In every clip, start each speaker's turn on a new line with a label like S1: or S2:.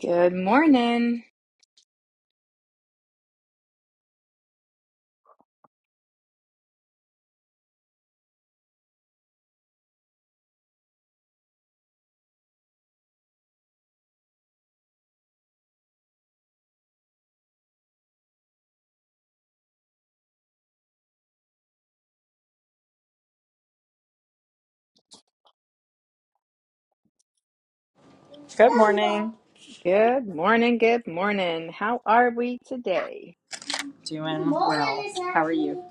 S1: Good morning.
S2: Good morning.
S1: Good morning. Good morning. How are we today?
S2: Doing well. How are you?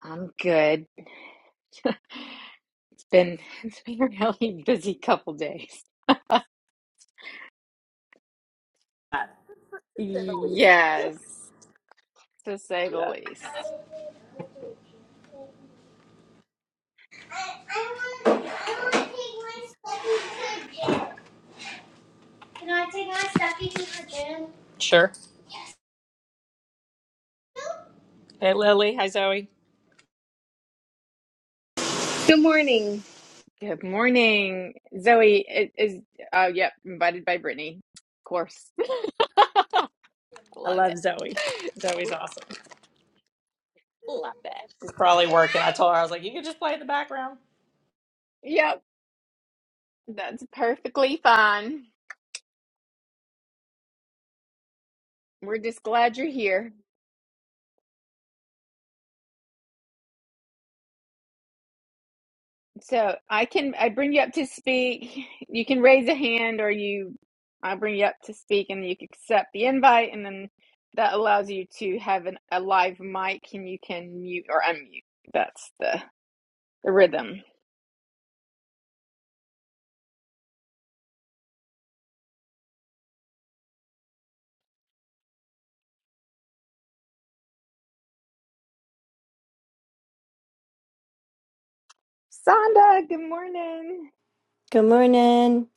S1: I'm good. It's been it's been a really busy couple days.
S2: Uh, To say the least.
S1: Yes, to say the
S2: Yeah. I, I
S1: least.
S2: want, I want to take my stuffy to the gym. Can I take my stuffy to the gym? Sure. Yes. Hey, Lily. Hi, Zoe.
S3: Good morning.
S1: Good morning, Zoe. i- Is oh yep, invited by Brittany. Of course.
S2: I
S1: Love
S2: love
S1: it.
S2: Zoe. Zoe's
S1: Lo-
S2: awesome.
S1: Love it.
S2: She's probably working. I told her, I was like, you can just play in the background.
S1: Yep, that's perfectly fine. We're just glad you're here. So I can I bring you up to speak. You can raise a hand, or you I bring you up to speak, and you can accept the invite, and then that allows you to have an, a live mic, and you can mute or unmute. That's the the rhythm. Sonda, good morning.
S4: Good morning.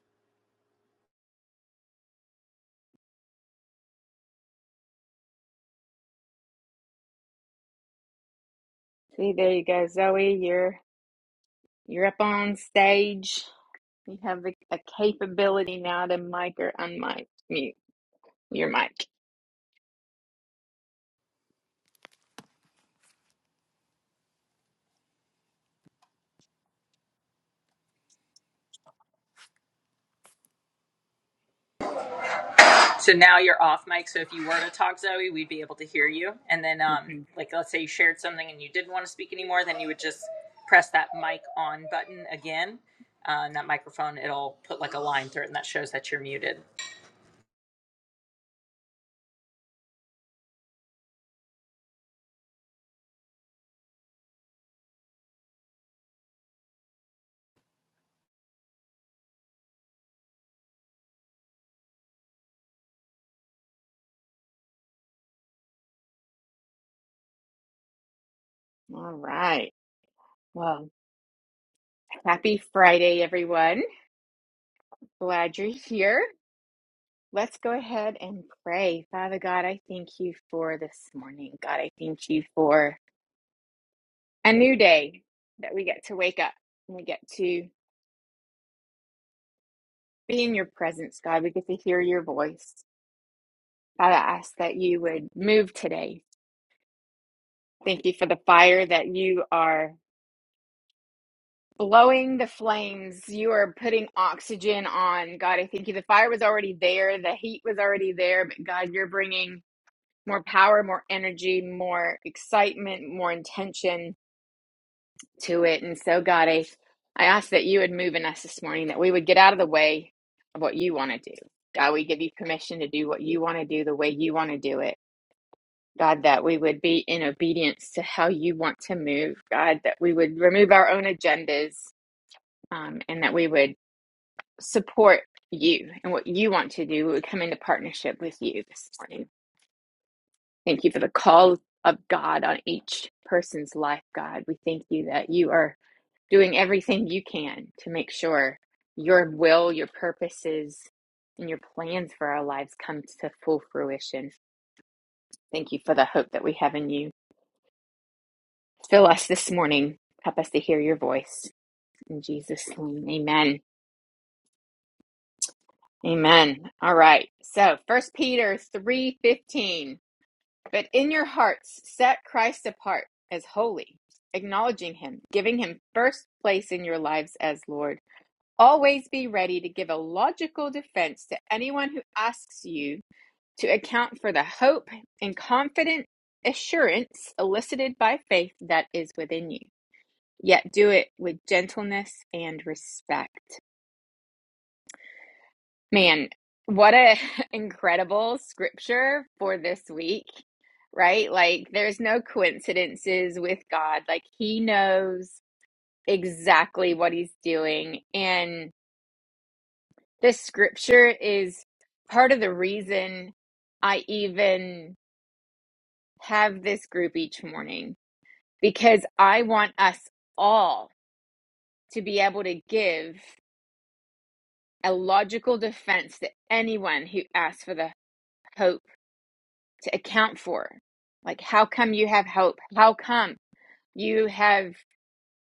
S1: See, there you go, Zoe. You're you're up on stage. You have the a capability now to mic or unmic mute your mic.
S2: So now you're off mic. So if you were to talk, Zoe, we'd be able to hear you. And then, um,
S1: Mhm.
S2: like, let's say you shared something and you didn't want to speak anymore, then you would just press that mic on button again. Uh, and that microphone, it'll put like a line through it, and that shows that you're muted.
S1: All right. Well, happy Friday, everyone. Glad you're here. Let's go ahead and pray. Father God, I thank you for this morning. God, I thank you for a new day that we get to wake up and we get to be in your presence, God. We get to hear your voice. God, I ask that you would move today. Thank you for the fire that you are blowing the flames. You are putting oxygen on. God, I thank you. The fire was already there, the heat was already there, but God, you're bringing more power, more energy, more excitement, more intention to it. And so, God, I, I ask that you would move in us this morning, that we would get out of the way of what you want to do. God, we give you permission to do what you want to do the way you want to do it. God, that we would be in obedience to how you want to move. God, that we would remove our own agendas um, and that we would support you and what you want to do. We would come into partnership with you this morning. Thank you for the call of God on each person's life, God. We thank you that you are doing everything you can to make sure your will, your purposes, and your plans for our lives come to full fruition. Thank you for the hope that we have in you. Fill us this morning. Help us to hear your voice. In Jesus' name, amen. Amen. All right. So, First Peter 3:15. But in your hearts, set Christ apart as holy, acknowledging him, giving him first place in your lives as Lord. Always be ready to give a logical defense to anyone who asks you to account for the hope and confident assurance elicited by faith that is within you. Yet do it with gentleness and respect. Man, what a incredible scripture for this week, right? Like there's no coincidences with God. Like he knows exactly what he's doing and this scripture is part of the reason I even have this group each morning because I want us all to be able to give a logical defense to anyone who asks for the hope to account for. Like, how come you have hope? How come you have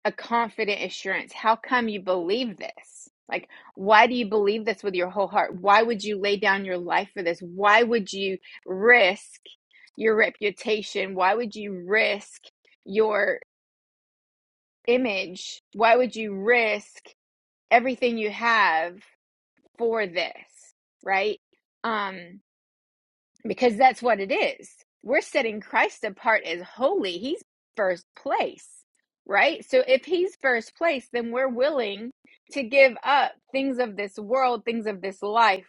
S1: a confident assurance? How come you believe this? Like, why do you believe this with your whole heart? Why would you lay down your life for this? Why would you risk your reputation? Why would you risk your image? Why would you risk everything you have for this? Right? Um, because that's what it is. We're setting Christ apart as holy. He's first place, right? So if he's first place, then we're willing to give up things of this world, things of this life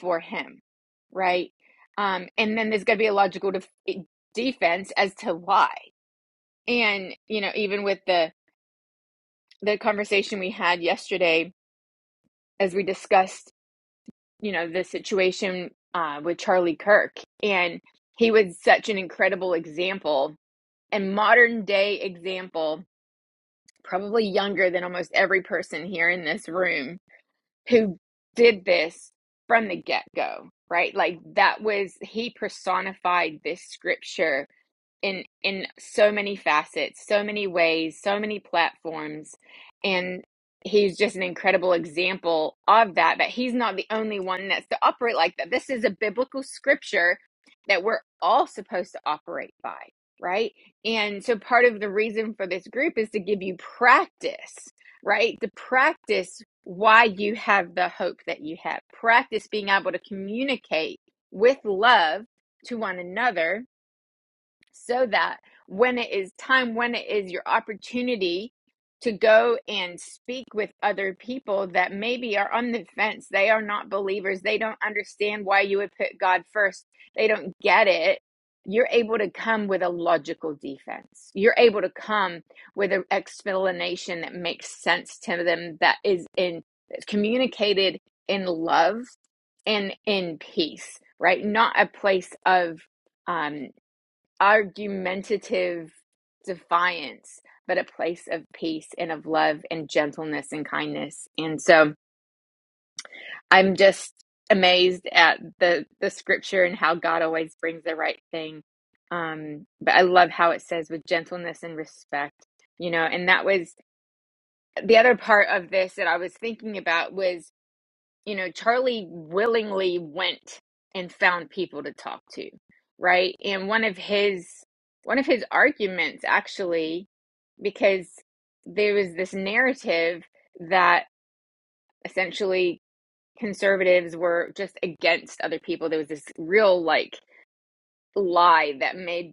S1: for him, right? Um, and then there's going to be a logical def- e-, defense as to why. And, you know, even with the, the conversation we had yesterday as we discussed you know, the situation uh, with Charlie Kirk. And he was such an incredible example and modern day example, probably younger than almost every person here in this room who did this from the get go, right? Like that was, he personified this scripture in in so many facets, so many ways, so many platforms, and he's just an incredible example of that. But he's not the only one that's to operate like that. This is a biblical scripture that we're all supposed to operate by, right? And so part of the reason for this group is to give you practice, right? To practice why you have the hope that you have. Practice being able to communicate with love to one another so that when it is time, when it is your opportunity to go and speak with other people that maybe are on the fence, they are not believers, they don't understand why you would put God first, they don't get it. You're able to come with a logical defense. You're able to come with an explanation that makes sense to them, that is in communicated in love and in peace, right? Not a place of um argumentative defiance, but a place of peace and of love and gentleness and kindness. And so I'm just amazed at the the scripture and how God always brings the right thing. Um, but I love how it says with gentleness and respect, you know, and that was the other part of this that I was thinking about was you know, Charlie willingly went and found people to talk to, right? And one of his one of his arguments actually because there was this narrative that essentially conservatives were just against other people. There was this real like lie that made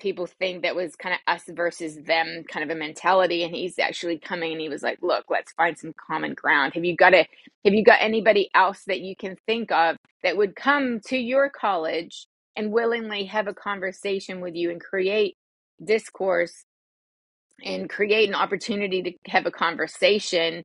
S1: people think that was kind of us versus them kind of a mentality and he's actually coming and he was like look let's find some common ground have you got a have you got anybody else that you can think of that would come to your college and willingly have a conversation with you and create discourse and create an opportunity to have a conversation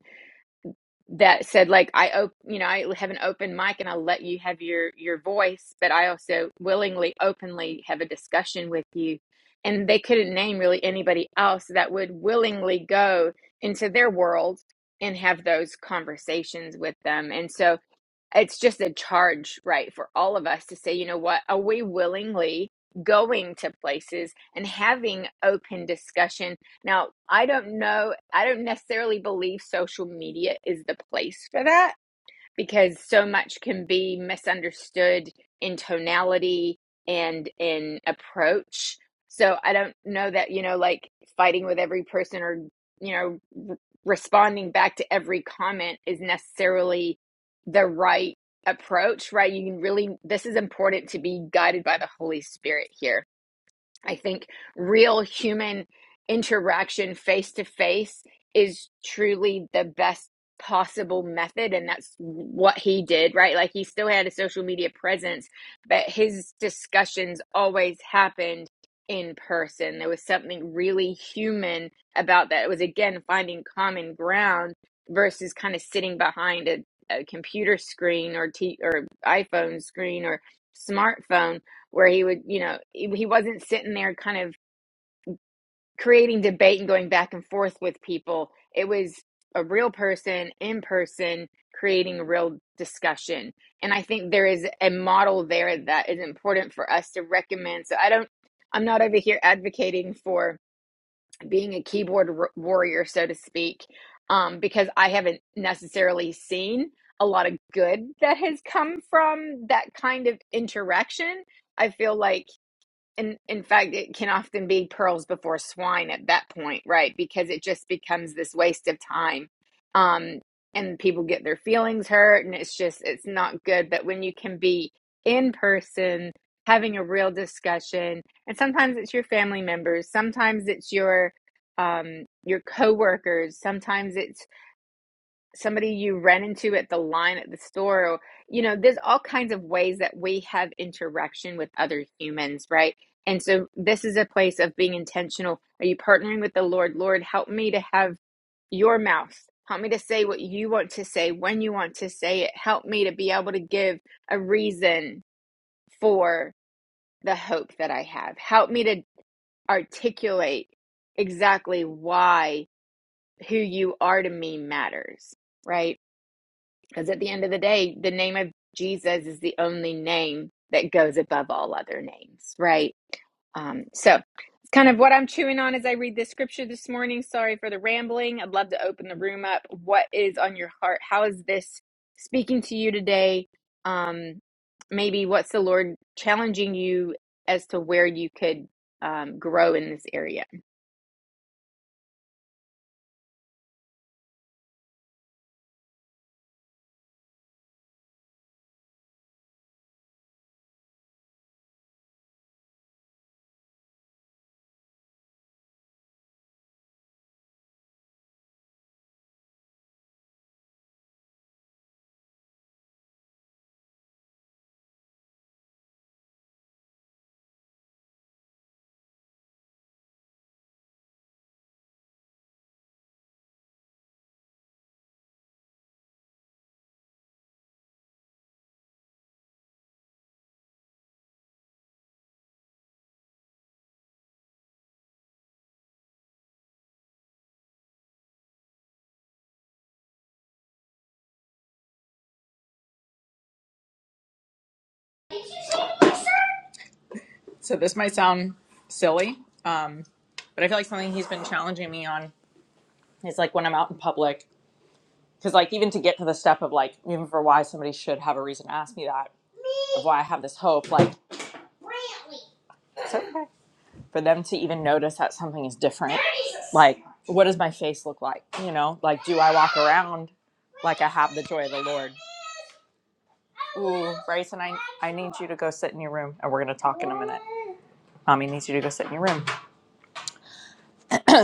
S1: that said like i op- you know i have an open mic and i let you have your your voice but i also willingly openly have a discussion with you and they couldn't name really anybody else that would willingly go into their world and have those conversations with them and so it's just a charge, right, for all of us to say, you know what, are we willingly going to places and having open discussion? Now, I don't know, I don't necessarily believe social media is the place for that because so much can be misunderstood in tonality and in approach. So I don't know that, you know, like fighting with every person or, you know, responding back to every comment is necessarily the right approach, right? You can really, this is important to be guided by the Holy Spirit here I think real human interaction face to face is truly the best possible method. And that's what he did, right? Like he still had a social media presence, but his discussions always happened in person. There was something really human about that. It was, again, finding common ground versus kind of sitting behind a, a computer screen or t- or iPhone screen or smartphone where he would, you know, he wasn't sitting there kind of creating debate and going back and forth with people. It was a real person in person creating a real discussion. And I think there is a model there that is important for us to recommend. So I don't, I'm not over here advocating for being a keyboard r- warrior, so to speak, um, because I haven't necessarily seen a lot of good that has come from that kind of interaction. I feel like and in fact, it can often be pearls before swine at that point, right? Because it just becomes this waste of time. Um, and people get their feelings hurt, and it's just, it's not good. But when you can be in person, having a real discussion, and sometimes it's your family members, sometimes it's your um, your coworkers, sometimes it's somebody you ran into at the line at the store or, you know there's all kinds of ways that we have interaction with other humans right and so this is a place of being intentional are you partnering with the lord lord help me to have your mouth help me to say what you want to say when you want to say it help me to be able to give a reason for the hope that i have help me to articulate exactly why who you are to me matters right because at the end of the day, the name of Jesus is the only name that goes above all other names, right? Um, so it's kind of what I'm chewing on as I read this scripture this morning. Sorry for the rambling. I'd love to open the room up. What is on your heart? How is this speaking to you today? Um, maybe what's the Lord challenging you as to where you could um, grow in this area?
S2: So this might sound silly, um, but I feel like something he's been challenging me on is like when I'm out in public, because like even to get to the step of like even for why somebody should have a reason to ask me that, of why I have this hope, like it's okay. for them to even notice that something is different. Like, what does my face look like? You know, like, do I walk around like I have the joy of the Lord? Ooh, Bryson, I, I need you to go sit in your room and we're going to talk in a minute. Mommy needs you to go sit in your room.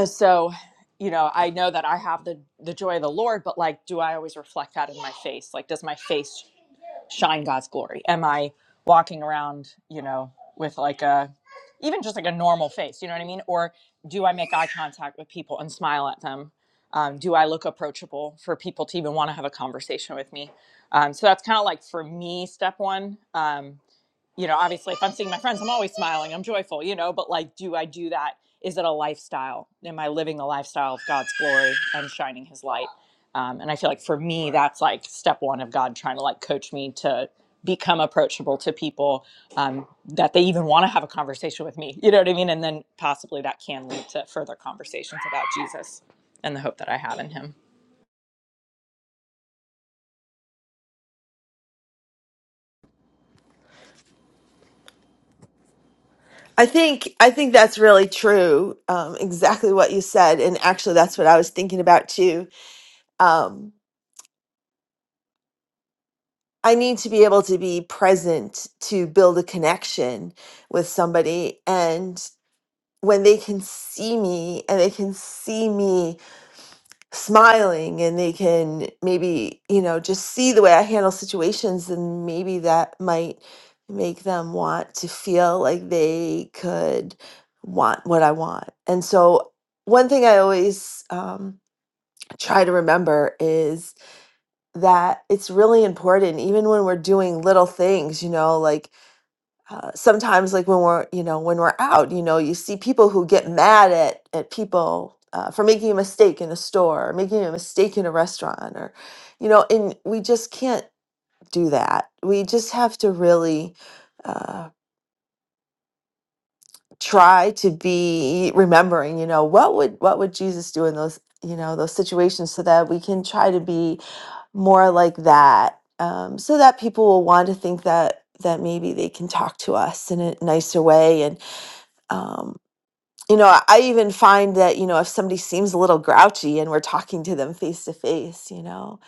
S2: so you know i know that i have the the joy of the lord but like do i always reflect that in my face like does my face shine god's glory am i walking around you know with like a even just like a normal face you know what i mean or do i make eye contact with people and smile at them um, do i look approachable for people to even want to have a conversation with me um, so that's kind of like for me step one Um, you know, obviously if I'm seeing my friends, I'm always smiling, I'm joyful, you know, but like, do I do that? Is it a lifestyle? Am I living the lifestyle of God's glory and shining his light? Um, and I feel like for me, that's like step one of God trying to like coach me to become approachable to people um, that they even want to have a conversation with me. You know what I mean? And then possibly that can lead to further conversations about Jesus and the hope that I have in him.
S5: I think I think that's really true. Um, exactly what you said, and actually, that's what I was thinking about too. Um, I need to be able to be present to build a connection with somebody, and when they can see me and they can see me smiling and they can maybe you know just see the way i handle situations and maybe that might make them want to feel like they could want what i want and so one thing i always um, try to remember is that it's really important even when we're doing little things you know like uh, sometimes like when we're you know when we're out you know you see people who get mad at at people uh, for making a mistake in a store or making a mistake in a restaurant or you know and we just can't do that we just have to really uh, try to be remembering you know what would what would jesus do in those you know those situations so that we can try to be more like that um, so that people will want to think that that maybe they can talk to us in a nicer way um, you know, I I even find that, you know, if somebody seems a little grouchy and we're talking to them face to face, you know,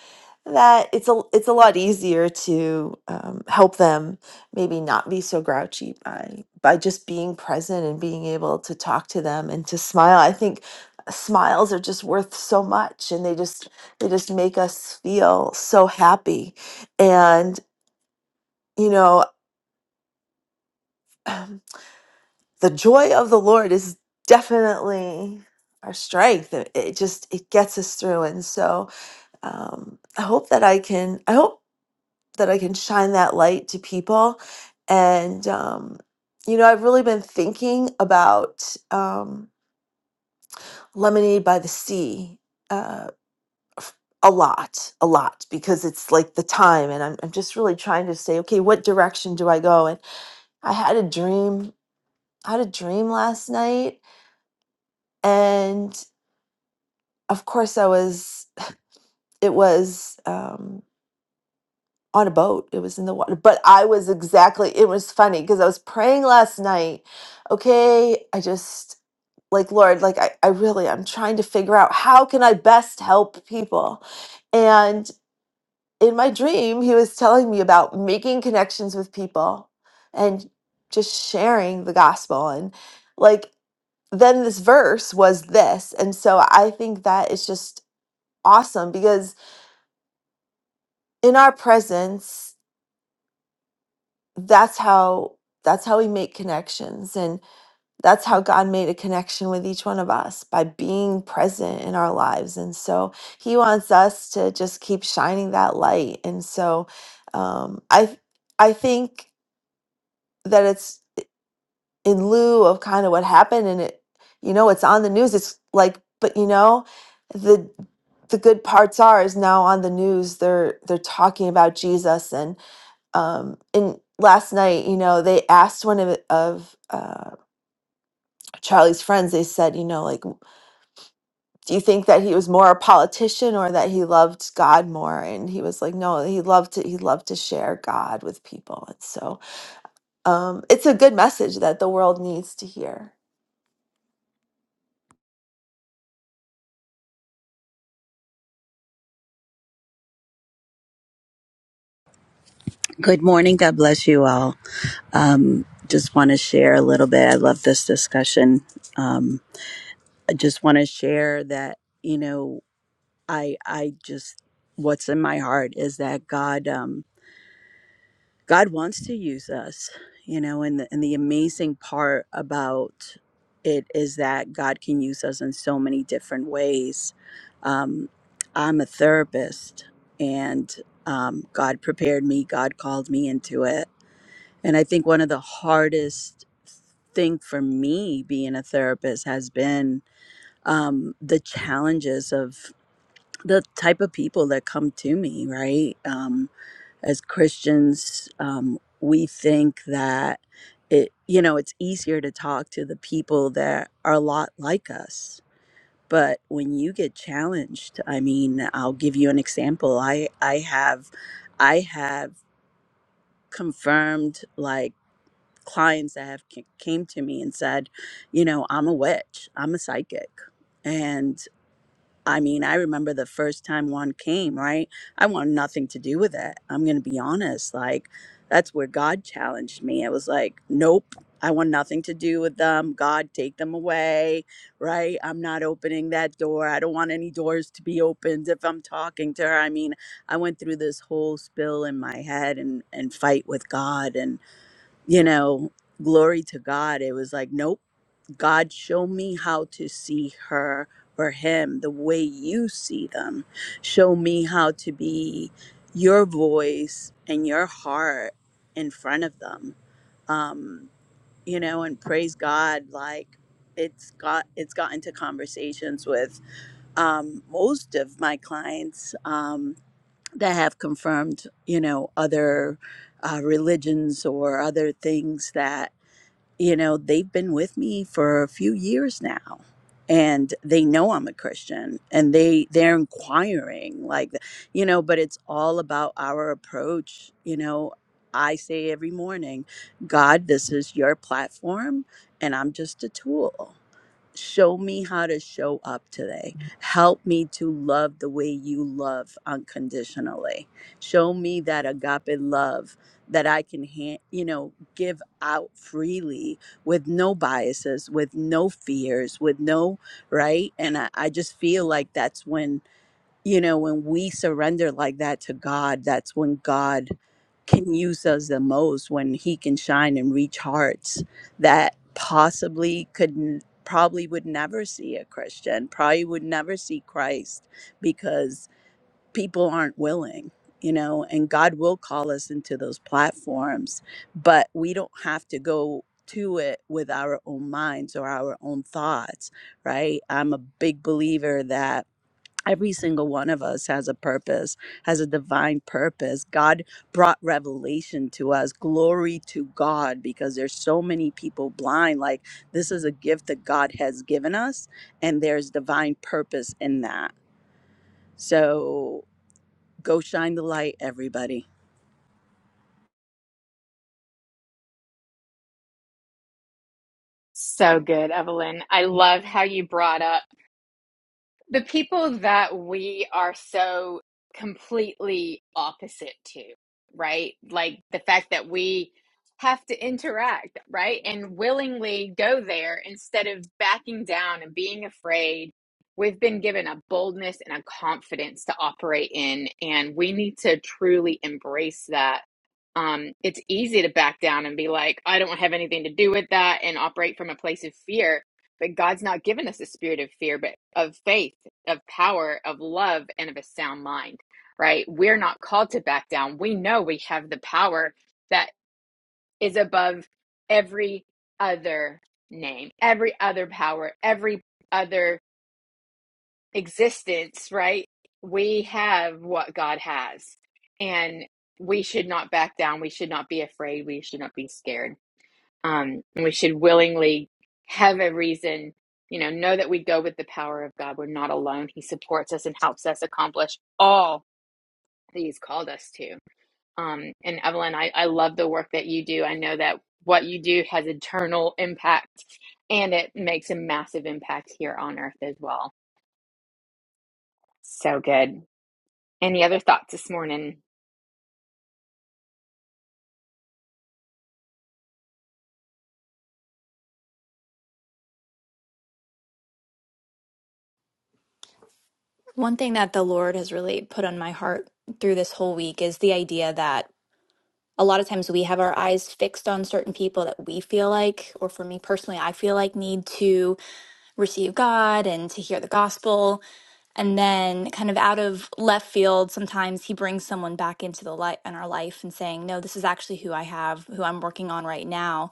S5: that it's a it's a lot easier to um, help them maybe not be so grouchy by by just being present and being able to talk to them and to smile. I think smiles are just worth so much and they just they just make us feel so happy. And, you know, the joy of the Lord is definitely our strength. It it just it gets us through, and so um, I hope that I can. I hope that I can shine that light to people, and um, you know, I've really been thinking about um, lemonade by the sea. Uh, f- a lot, a lot, because it's like the time, and I'm, I'm just really trying to say, okay, what direction do I go? And I had a dream, I had a dream last night, and. of course i was it was um on a boat it was in the water but i was exactly it was funny because i was praying last night okay i just like lord like I, I really i'm trying to figure out how can i best help people and in my dream he was telling me about making connections with people and just sharing the gospel and like then this verse was this and so i think that is just awesome because in our presence that's how that's how we make connections and that's how god made a connection with each one of us by being present in our lives and so he wants us to just keep shining that light and so um, i i think that it's in lieu of kind of what happened and it you know it's on the news it's like but you know the the good parts are is now on the news they're they're talking about jesus and. um and last night you know they asked one of of uh charlie's friends they said you know like do you think that he was more a politician or that he loved god more and he was like no he loved to he loved to share god with people and so um it's a good message that the world needs to hear
S6: Good morning. God bless you all. Um, just want to share a little bit. I love this discussion. Um, I just want to share that you know, I I just what's in my heart is that God um, God wants to use us. You know, and the, and the amazing part about it is that God can use us in so many different ways. Um, I'm a therapist, and um, God prepared me. God called me into it And I think one of the hardest thing for me being a therapist has been um, the challenges of the type of people that come to me, right? Um, as Christians, um, we think that it, you know, it's easier to talk to the people that are a lot like us. But when you get challenged, I mean, I'll give you an example. I, I have, I have confirmed like clients that have ca- came to me and said, you know, I'm a witch, I'm a psychic. And I mean, I remember the first time one came, right? I want nothing to do with it. I'm going to be honest, like that's where God challenged me. I was like, nope. I want nothing to do with them. God, take them away, right? I'm not opening that door. I don't want any doors to be opened if I'm talking to her. I mean, I went through this whole spill in my head and and fight with God and you know, glory to God. It was like, nope, God, show me how to see her or him the way you see them. Show me how to be your voice and your heart in front of them. Um, you know, and praise God, like it's got it's gotten to conversations with um, most of my clients um, that have confirmed, you know, other uh, religions or other things that you know, they've been with me for a few years now and they know I'm a Christian and they they're inquiring like you know, but it's all about our approach, you know, I say every morning, God, this is your platform and I'm just a tool show me how to show up today. Help me to love the way you love unconditionally. Show me that agape love that I can, ha- you know, give out freely with no biases, with no fears, with no right. And I, I just feel like that's when you know when we surrender like that to god that's when god can use us the most when he can shine and reach hearts that possibly could n- probably would never see a christian probably would never see christ because people aren't willing you know and god will call us into those platforms but we don't have to go to it with our own minds or our own thoughts right i'm a big believer that every single one of us has a purpose has a divine purpose god brought revelation to us glory to god because there's so many people blind like this is a gift that god has given us and there's divine purpose in that so go shine the light everybody
S1: So good, Evelyn. I love how you brought up. the people that we are so completely opposite to, right? Like the fact that we have to interact, right? And willingly go there instead of backing down and being afraid. We've been given a boldness and a confidence to operate in, and we need to truly embrace that. Um, it's easy to back down and be like, I don't have anything to do with that, and operate from a place of fear. But God's not given us a spirit of fear, but of faith of power, of love, and of a sound mind, right? We're not called to back down. We know we have the power that is above every other name, every other power, every other existence, right? We have what God has. And we should not back down. We should not be afraid. We should not be scared. Um, and we should willingly have a reason, you know, know that we go with the power of God. We're not alone. He supports us and helps us accomplish all that He's called us to. Um, and Evelyn, I, I love the work that you do. I know that what you do has eternal impact and it makes a massive impact here on earth as well. So good. Any other thoughts this morning?
S7: One thing that the Lord has really put on my heart through this whole week is the idea that a lot of times we have our eyes fixed on certain people that we feel like, or for me personally, I feel like need to receive God and to hear the gospel. And then, kind of out of left field, sometimes He brings someone back into the light in our life and saying, No, this is actually who I have, who I'm working on right now.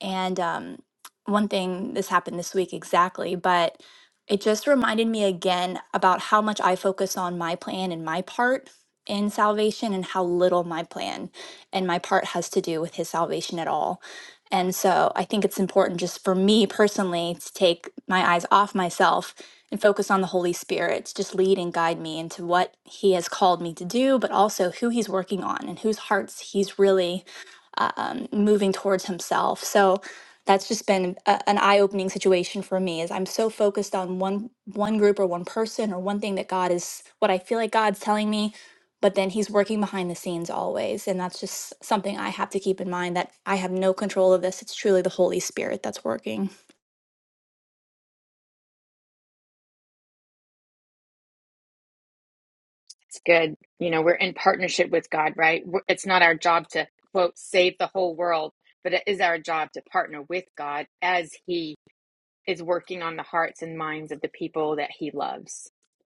S7: And um, one thing, this happened this week exactly, but it just reminded me again about how much I focus on my plan and my part in salvation and how little my plan and my part has to do with his salvation at all. And so I think it's important just for me personally to take my eyes off myself and focus on the Holy Spirit to just lead and guide me into what he has called me to do, but also who he's working on and whose hearts he's really uh, um, moving towards himself. So that's just been a, an eye-opening situation for me is I'm so focused on one one group or one person or one thing that God is what I feel like God's telling me, but then he's working behind the scenes always. And that's just something I have to keep in mind that I have no control of this. It's truly the Holy Spirit that's working.
S1: It's good. You know, we're in partnership with God, right? It's not our job to, quote, save the whole world, but it is our job to partner with God as He is working on the hearts and minds of the people that He loves.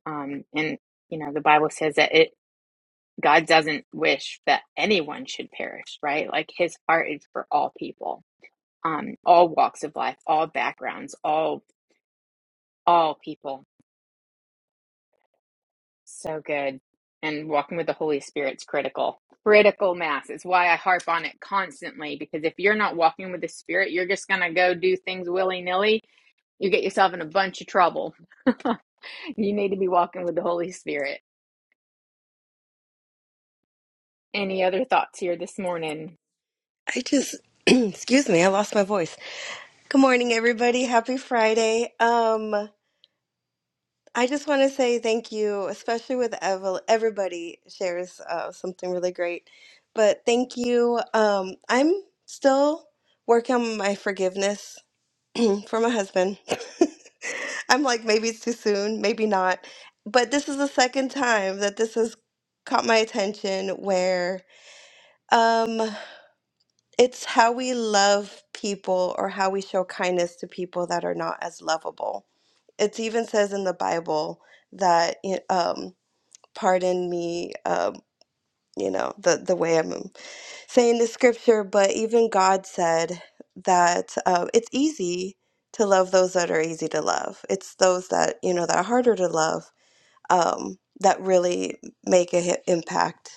S1: Um, and, you know, the Bible says that it, God doesn't wish that anyone should perish, right? Like His heart is for all people, um, all walks of life, all backgrounds, all all people. So good. And walking with the Holy Spirit's critical. Critical mass. It's why I harp on it constantly because if you're not walking with the Spirit, you're just going to go do things willy nilly. You get yourself in a bunch of trouble. you need to be walking with the Holy Spirit. Any other thoughts here this morning?
S3: I just excuse me, I lost my voice. Good morning everybody. Happy Friday. Um I just want to say thank you, especially with Evel. Everybody shares uh, something really great. But thank you. Um I'm still working on my forgiveness for my husband. I'm like maybe it's too soon, maybe not. But this is the second time that this has caught my attention where um it's how we love people or how we show kindness to people that are not as lovable. It even says in the Bible that y- um, pardon me, um, you know, the the way I'm saying the scripture, but even God said that um, it's easy to love those that are easy to love. It's those that you know that are harder to love um, that really make an impact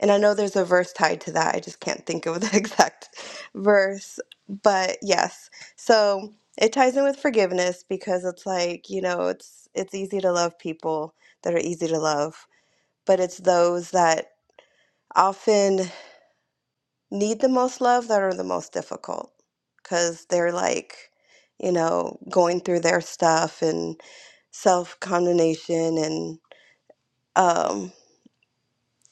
S3: and I know there's a verse tied to that. I just can't think of the exact verse. But yes. So it ties in with forgiveness because it's like, you know, it's it's easy to love people that are easy to love, but it's those that often need the most love that are the most difficult cuz they're like, you know, going through their stuff and self-condemnation and um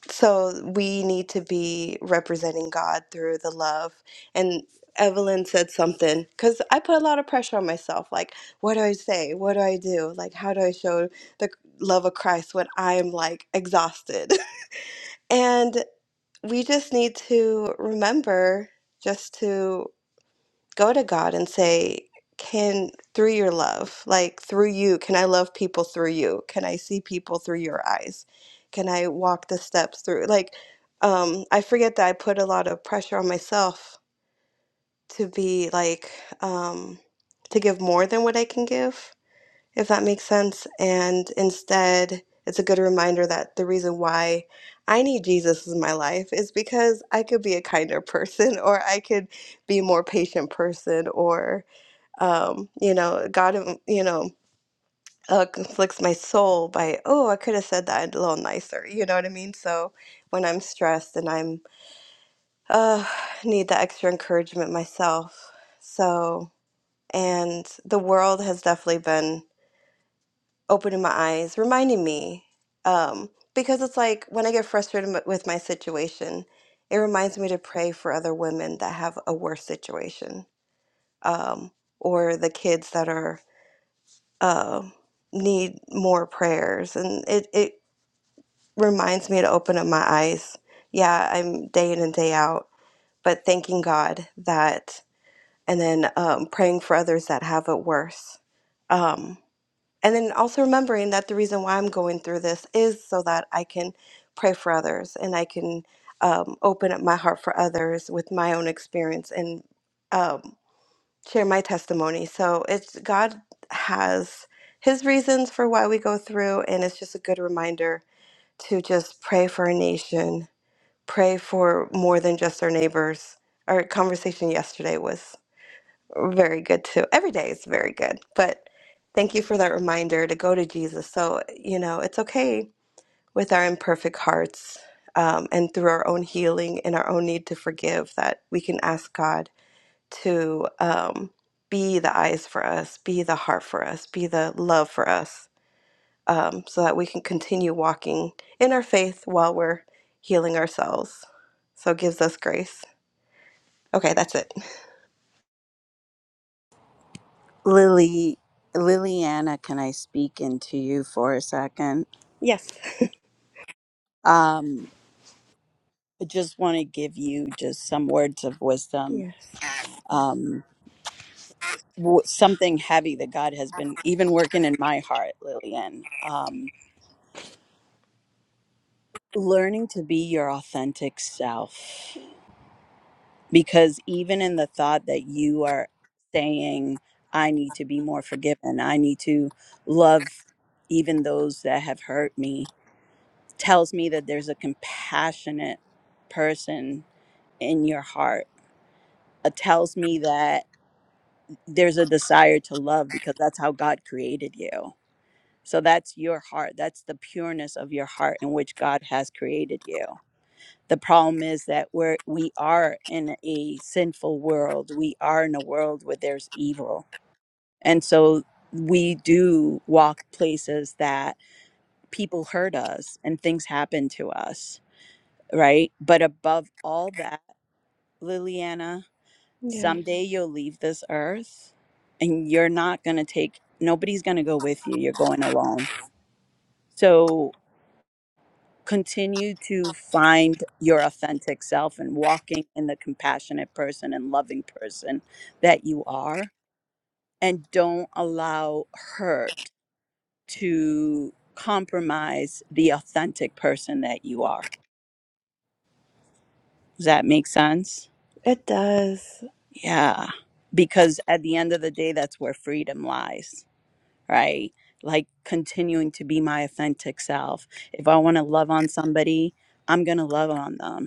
S3: so we need to be representing God through the love. And Evelyn said something because I put a lot of pressure on myself. Like, what do I say? What do I do? Like, how do I show the love of Christ when I'm like exhausted? and we just need to remember just to go to God and say, Can through your love, like through you, can I love people through you? Can I see people through your eyes? Can I walk the steps through? Like, um, I forget that I put a lot of pressure on myself to be like, um, to give more than what I can give, if that makes sense. And instead, it's a good reminder that the reason why I need Jesus in my life is because I could be a kinder person or I could be a more patient person or um, you know, God, um, you know, uh, conflicts my soul by, oh, I could have said that a little nicer. You know what I mean? So when I'm stressed and I'm, uh, need that extra encouragement myself. So, and the world has definitely been opening my eyes, reminding me, um, because it's like when I get frustrated m- with my situation, it reminds me to pray for other women that have a worse situation, um, or the kids that are uh, need more prayers. And it, it reminds me to open up my eyes. Yeah, I'm day in and day out, but thanking God that, and then um, praying for others that have it worse. Um, and then also remembering that the reason why I'm going through this is so that I can pray for others and I can um, open up my heart for others with my own experience and um, share my testimony. So it's God has his reasons for why we go through, and it's just a good reminder to just pray for our nation, pray for more than just our neighbors. Our conversation yesterday was very good too. Every day is very good, but thank you for that reminder to go to Jesus. So, you know, it's okay with our imperfect hearts um, and through our own healing and our own need to forgive that we can ask God to um, be the eyes for us, be the heart for us, be the love for us, um, so that we can continue walking in our faith while we're healing ourselves. So it gives us grace. Okay, that's it.
S6: Lily, Liliana, can I speak into you for a second?
S3: Yes.
S6: Um, i just want to give you just some words of wisdom
S3: Yes.
S6: Um, w- something heavy that God has been even working in my heart, Lillian. Um, learning to be your authentic self. Because even in the thought that you are saying, I need to be more forgiven, I need to love even those that have hurt me, tells me that there's a compassionate person in your heart. It tells me that there's a desire to love because that's how God created you So that's your heart. That's the pureness of your heart in which God has created you. The problem is that we're we are in a sinful world. We are in a world where there's evil. And so we do walk places that people hurt us and things happen to us, right? But above all that, Liliana,
S3: Yeah,
S6: someday you'll leave this earth and you're not going to take nobody's going to go with you. You're going alone. So continue to find your authentic self and walking in the compassionate person and loving person that you are and don't allow hurt to compromise the authentic person that you are does that make sense
S3: it does.
S6: yeah because at the end of the day that's where freedom lies right like continuing to be my authentic self if i want to love on somebody i'm going to love on them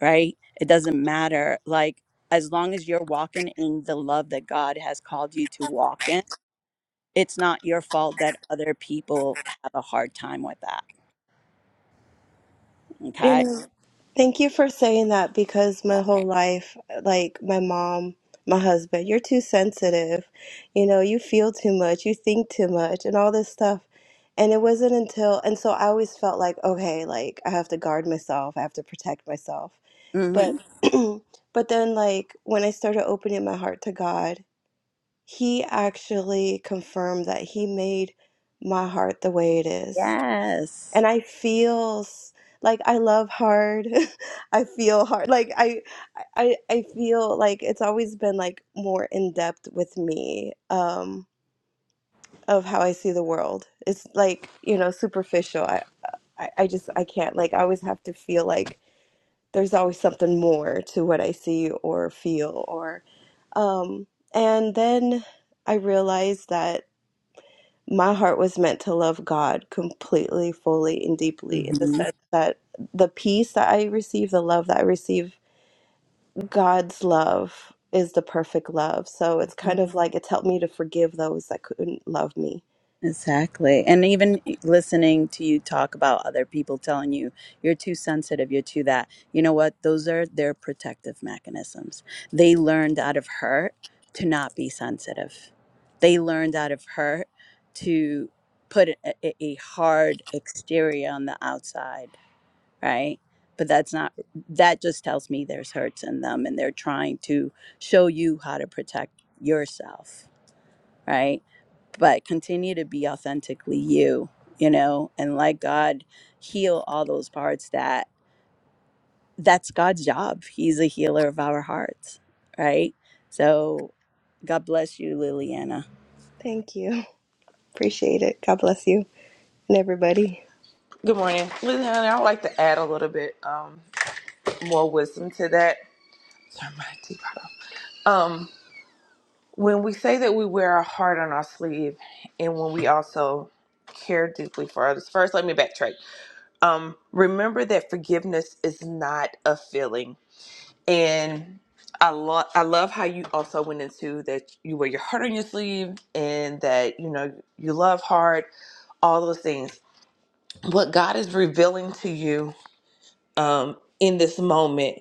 S6: right? It doesn't matter. Like, as long as you're walking in the love that God has called you to walk in, it's not your fault that other people have a hard time with that.
S3: You
S6: Okay.
S3: know, thank you for saying that because my whole life, like my mom, my husband, you're too sensitive. You know, you feel too much, you think too much, and all this stuff. And it wasn't until, and so I always felt like, okay, like I have to guard myself, I have to protect myself. But,
S6: Mm-hmm.
S3: but then, like, when I started opening my heart to God, He actually confirmed that He made my heart the way it is and
S6: Yes.
S3: I feel s- like I love hard. I feel hard. Like I, I, I feel like it's always been like more in depth with me um, of how I see the world. It's like you know superficial. I, I, I just I can't. Like I always have to feel like there's always something more to what I see or feel or, um, and then I realized that my heart was meant to love God completely, fully, and deeply in the
S6: Mm-hmm.
S3: sense that the peace that I receive, the love that I receive, God's love is the perfect love. So it's kind of like it's helped me to forgive those that couldn't love me.
S6: Exactly. And even listening to you talk about other people telling you you're too sensitive, you're too that. You know what? Those are their protective mechanisms. They learned out of hurt to not be sensitive. They learned out of hurt to put a, a a hard exterior on the outside, right? But that's not, that just tells me there's hurts in them and they're trying to show you how to protect yourself, right? but continue to be authentically you you know and let god heal all those parts that that's god's job he's a healer of our hearts right so god bless you liliana
S3: Thank you. Appreciate it. God bless you and everybody.
S8: Good morning. Listen, honey, I would like to add a little bit um, more wisdom to that. Sorry, my teeth off. Um, when we say that we wear our heart on our sleeve and when we also care deeply for others, first, let me backtrack. Um, remember that forgiveness is not a feeling. And I, lo- I love how you also went into that you wear your heart on your sleeve and that, you know, you love hard, all those things. What God is revealing to you um, in this moment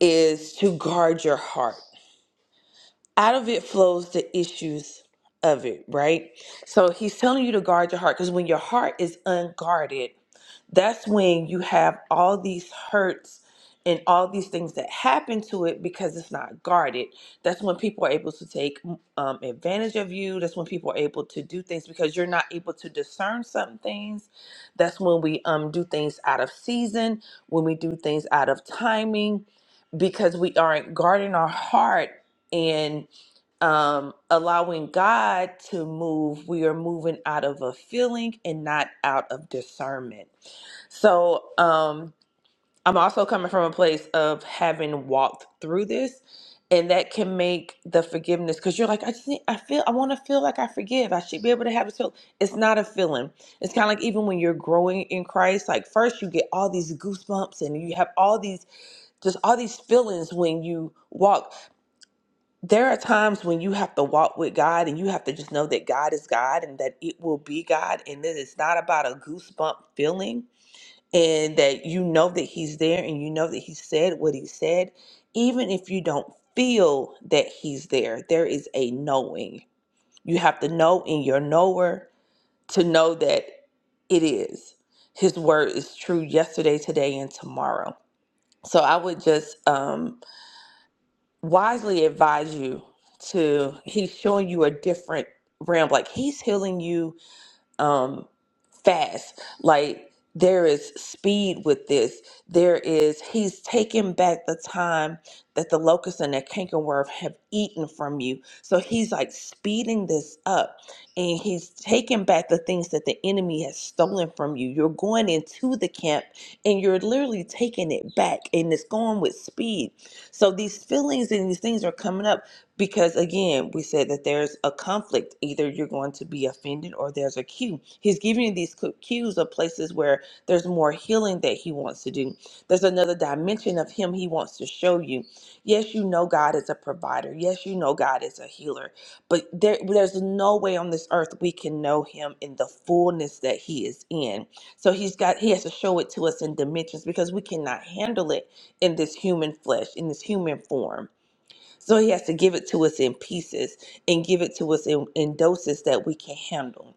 S8: is to guard your heart. Out of it flows the issues of it, right? So he's telling you to guard your heart because when your heart is unguarded, that's when you have all these hurts and all these things that happen to it because it's not guarded. That's when people are able to take um, advantage of you. That's when people are able to do things because you're not able to discern some things. That's when we um, do things out of season, when we do things out of timing, because we aren't guarding our heart and um, allowing God to move. We are moving out of a feeling and not out of discernment. So um, I'm also coming from a place of having walked through this, and that can make the forgiveness because you're like, I just need, I feel, I want to feel like I forgive. I should be able to have this feel. It's not a feeling. It's kind of like even when you're growing in Christ, like first you get all these goosebumps and you have all these just all these feelings when you walk. There are times when you have to walk with God and you have to just know that God is God and that it will be God and that it's not about a goosebump feeling and that you know that he's there and you know that he said what he said, even if you don't feel that he's there, there is a knowing. You have to know in your knower to know that it is. His word is true yesterday, today, and tomorrow. So I would just um, wisely advise you to, he's showing you a different realm. Like he's healing you. Um, fast. Like there is speed with this. There is he's taking back the time that the locusts and the cankerworm have eaten from you. So he's like speeding this up and he's taking back the things that the enemy has stolen from you. You're going into the camp and you're literally taking it back and it's going with speed. So these feelings and these things are coming up because again we said that there's a conflict either you're going to be offended or there's a cue he's giving you these cues of places where there's more healing that he wants to do there's another dimension of him he wants to show you yes you know god is a provider yes you know god is a healer but there, there's no way on this earth we can know him in the fullness that he is in so he's got he has to show it to us in dimensions because we cannot handle it in this human flesh in this human form so he has to give it to us in pieces and give it to us in, in doses that we can handle.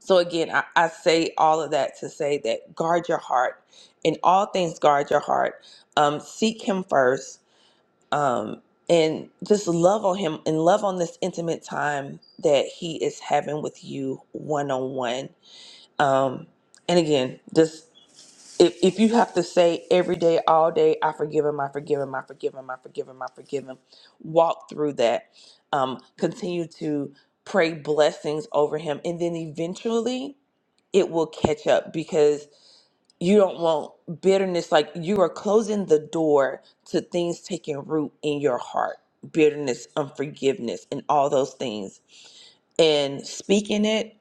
S8: So again, I, I say all of that to say that guard your heart. In all things, guard your heart. Um, seek him first. Um, and just love on him and love on this intimate time that he is having with you one on one. Um, and again, just if if you have to say every day, all day, I forgive him, I forgive him, I forgive him, I forgive him, I forgive him, walk through that. Um, continue to pray blessings over him, and then eventually it will catch up because you don't want bitterness. Like you are closing the door to things taking root in your heart, bitterness, unforgiveness, and all those things. And speaking it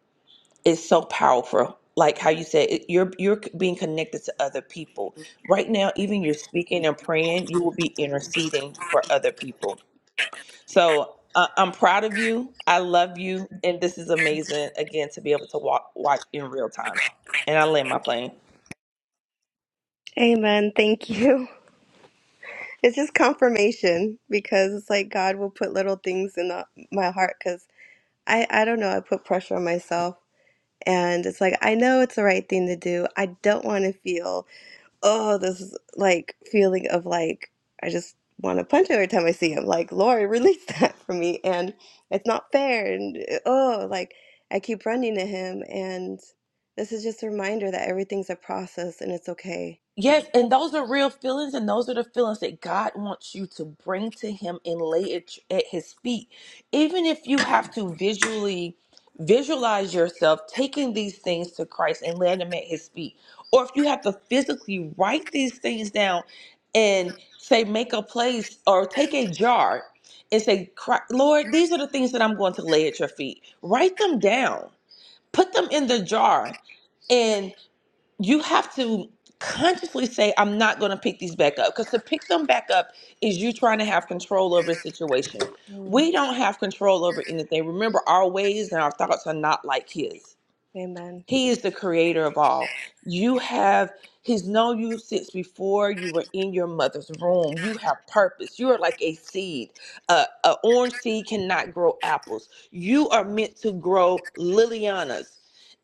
S8: is so powerful. Like how you said, it, you're you're being connected to other people. Right now, even you're speaking and praying, you will be interceding for other people. So uh, I'm proud of you. I love you, and this is amazing again to be able to walk watch in real time. And I land my plane.
S3: Amen. Thank you. It's just confirmation because it's like God will put little things in the, my heart because I, I don't know. I put pressure on myself And it's like, I know it's the right thing to do. I don't want to feel, oh, this is like feeling of like, I just want to punch every time I see him. Like, Lord, release that from me. And it's not fair. And eh, oh, like I keep running to him. And this is just a reminder that everything's a process and it's okay.
S8: Yes, and those are real feelings, and those are the feelings that God wants you to bring to Him and lay it at His feet. Even if you have to visually visualize yourself taking these things to Christ and laying them at His feet, or if you have to physically write these things down and say, make a place or take a jar and say, "Cri- Lord, these are the things that I'm going to lay at your feet. Write them down, put them in the jar and you have to consciously say i'm not going to pick these back up because to pick them back up is you trying to have control over a situation
S3: Mm,
S8: we don't have control over anything remember our ways and our thoughts are not like his
S3: amen.
S8: he is the creator of all. You have, He's known you since before you were in your mother's womb. You have purpose. You are like a seed. Uh, an orange seed cannot grow apples. You are meant to grow Lilianas.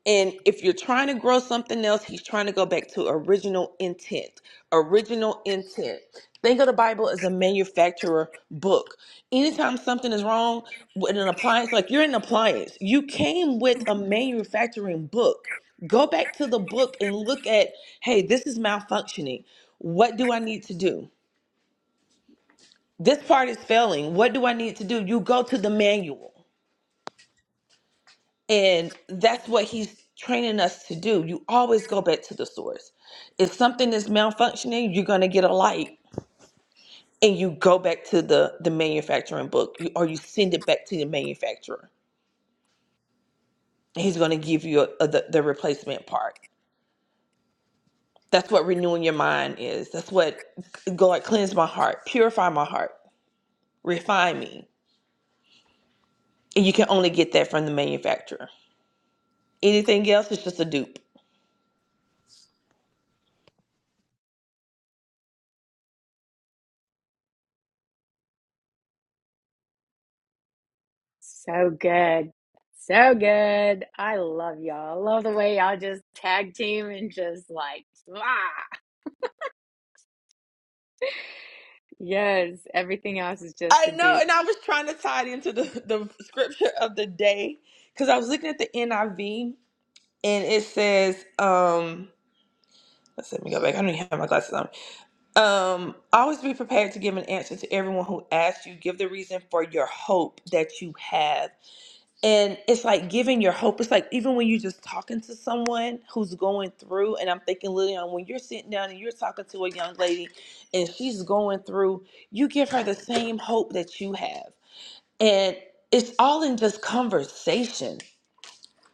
S8: And if you're trying to grow something else, He's trying to go back to original intent. Original intent. Think of the Bible as a manufacturer book. Anytime something is wrong with an appliance, like you're an appliance, you came with a manufacturing book. Go back to the book and look at, hey, this is malfunctioning. What do I need to do? This part is failing. What do I need to do? You go to the manual. And that's what he's training us to do. You always go back to the source. If something is malfunctioning, you're going to get a light. and you go back to the the manufacturing book you, or you send it back to the manufacturer he's going to give you a, a, the, the replacement part that's what renewing your mind is that's what god cleanse my heart purify my heart refine me and you can only get that from the manufacturer anything else is just a dupe
S1: So good. So good. I love y'all. I love the way y'all just tag team and just like, ah. Yes, everything else is just
S8: i
S1: a
S8: know
S1: dupe.
S8: and i was trying to tie it into the, the scripture of the day because i was looking at the niv and it says um let's let me go back i don't even have my glasses on Um, always be prepared to give an answer to everyone who asks you. Give the reason for your hope that you have. And it's like giving your hope. It's like even when you're just talking to someone who's going through, and I'm thinking, Lillian, when you're sitting down and you're talking to a young lady and she's going through, you give her the same hope that you have. And it's all in just conversation.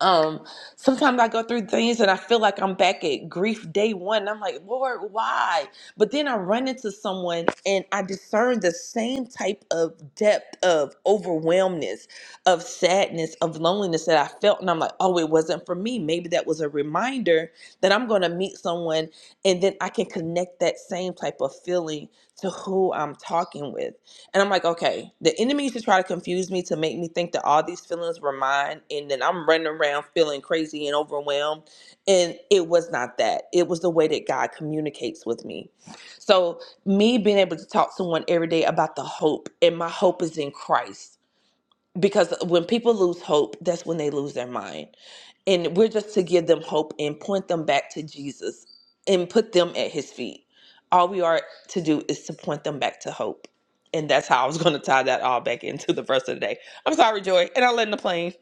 S8: Um, sometimes I go through things and I feel like I'm back at grief day one. And I'm like, Lord, why? But then I run into someone and I discern the same type of depth of overwhelmness, of sadness, of loneliness that I felt. And I'm like, oh, it wasn't for me. Maybe that was a reminder that I'm going to meet someone and then I can connect that same type of feeling to who I'm talking with. And I'm like, okay, the enemy used to try to confuse me to make me think that all these feelings were mine. And then I'm running around feeling crazy and overwhelmed. And it was not that. It was the way that God communicates with me. So, me being able to talk to someone every day about the hope, and my hope is in Christ. Because when people lose hope, that's when they lose their mind and we're just to give them hope and point them back to Jesus and put them at his feet. All we are to do is to point them back to hope. And that's how I was going to tie that all back into the verse of the day. I'm sorry, Joy, and I'll let in the plane.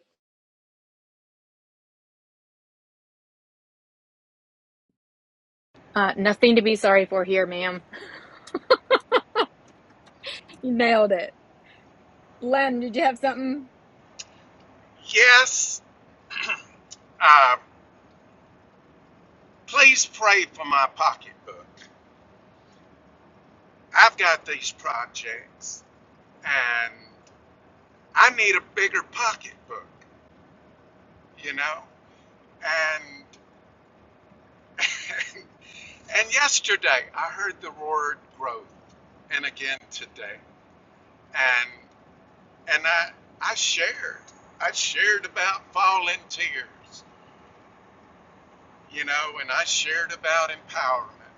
S1: Uh, nothing to be sorry for here, ma'am. You nailed it. Len, did you have something?
S9: Yes, uh, please pray for my pocketbook. I've got these projects and I need a bigger pocketbook, you know? And and yesterday I heard the word growth and again today. And and I I shared. I shared about falling tears, you know, and I shared about empowerment.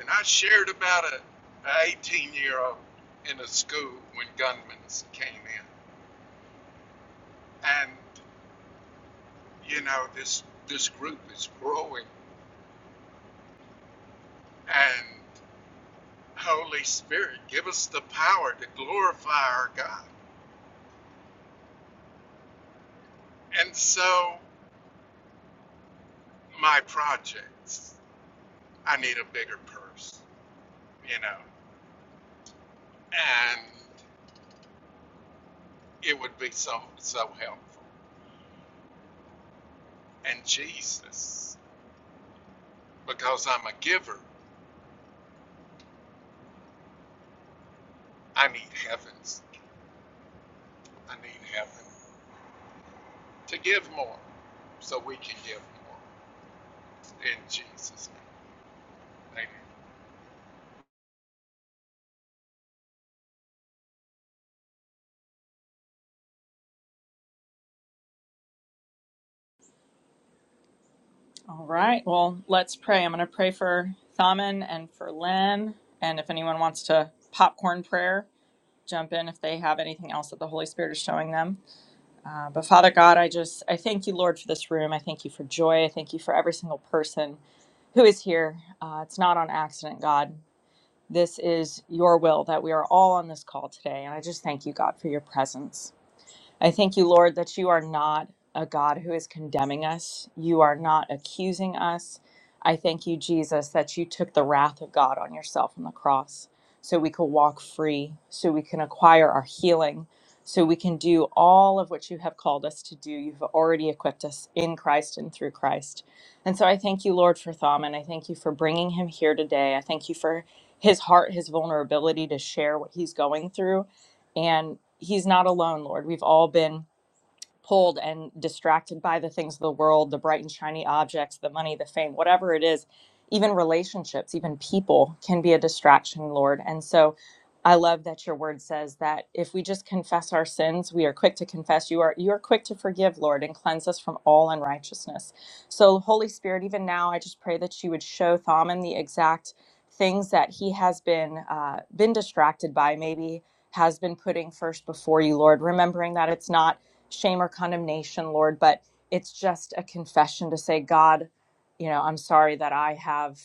S9: And I shared about a, 18 year old in a school when gunmen came in. And, you know, this, this group is growing. And Holy Spirit, give us the power to glorify our God. And so, my projects, I need a bigger purse, you know, and it would be so, so helpful. And Jesus, because I'm a giver, I need heavens. I need heaven. to give more so we can give more in Jesus' name. Amen.
S2: All right. Well, let's pray. I'm going to pray for Thaman and for Lynn. And if anyone wants to popcorn prayer, jump in if they have anything else that the Holy Spirit is showing them. Uh, but Father God, I just, I thank you, Lord, for this room. I thank you for joy. I thank you for every single person who is here. Uh, it's not on accident, God. This is your will that we are all on this call today. And I just thank you, God, for your presence. I thank you, Lord, that you are not a God who is condemning us. You are not accusing us. I thank you, Jesus, that you took the wrath of God on yourself on the cross so we could walk free, so we can acquire our healing, so we can do all of what you have called us to do. You've already equipped us in Christ and through Christ. And so I thank you, Lord, for Thaman. I thank you for bringing him here today. I thank you for his heart, his vulnerability to share what he's going through and he's not alone, Lord. We've all been pulled and distracted by the things of the world, the bright and shiny objects, the money, the fame, whatever it is, even relationships, even people can be a distraction, Lord. And so I love that your word says that if we just confess our sins, we are quick to confess. You are you are quick to forgive, Lord, and cleanse us from all unrighteousness. So Holy Spirit, even now, I just pray that you would show Thaman the exact things that he has been uh, been distracted by, maybe has been putting first before you, Lord. Remembering that it's not shame or condemnation, Lord, but it's just a confession to say, God, you know, I'm sorry that I have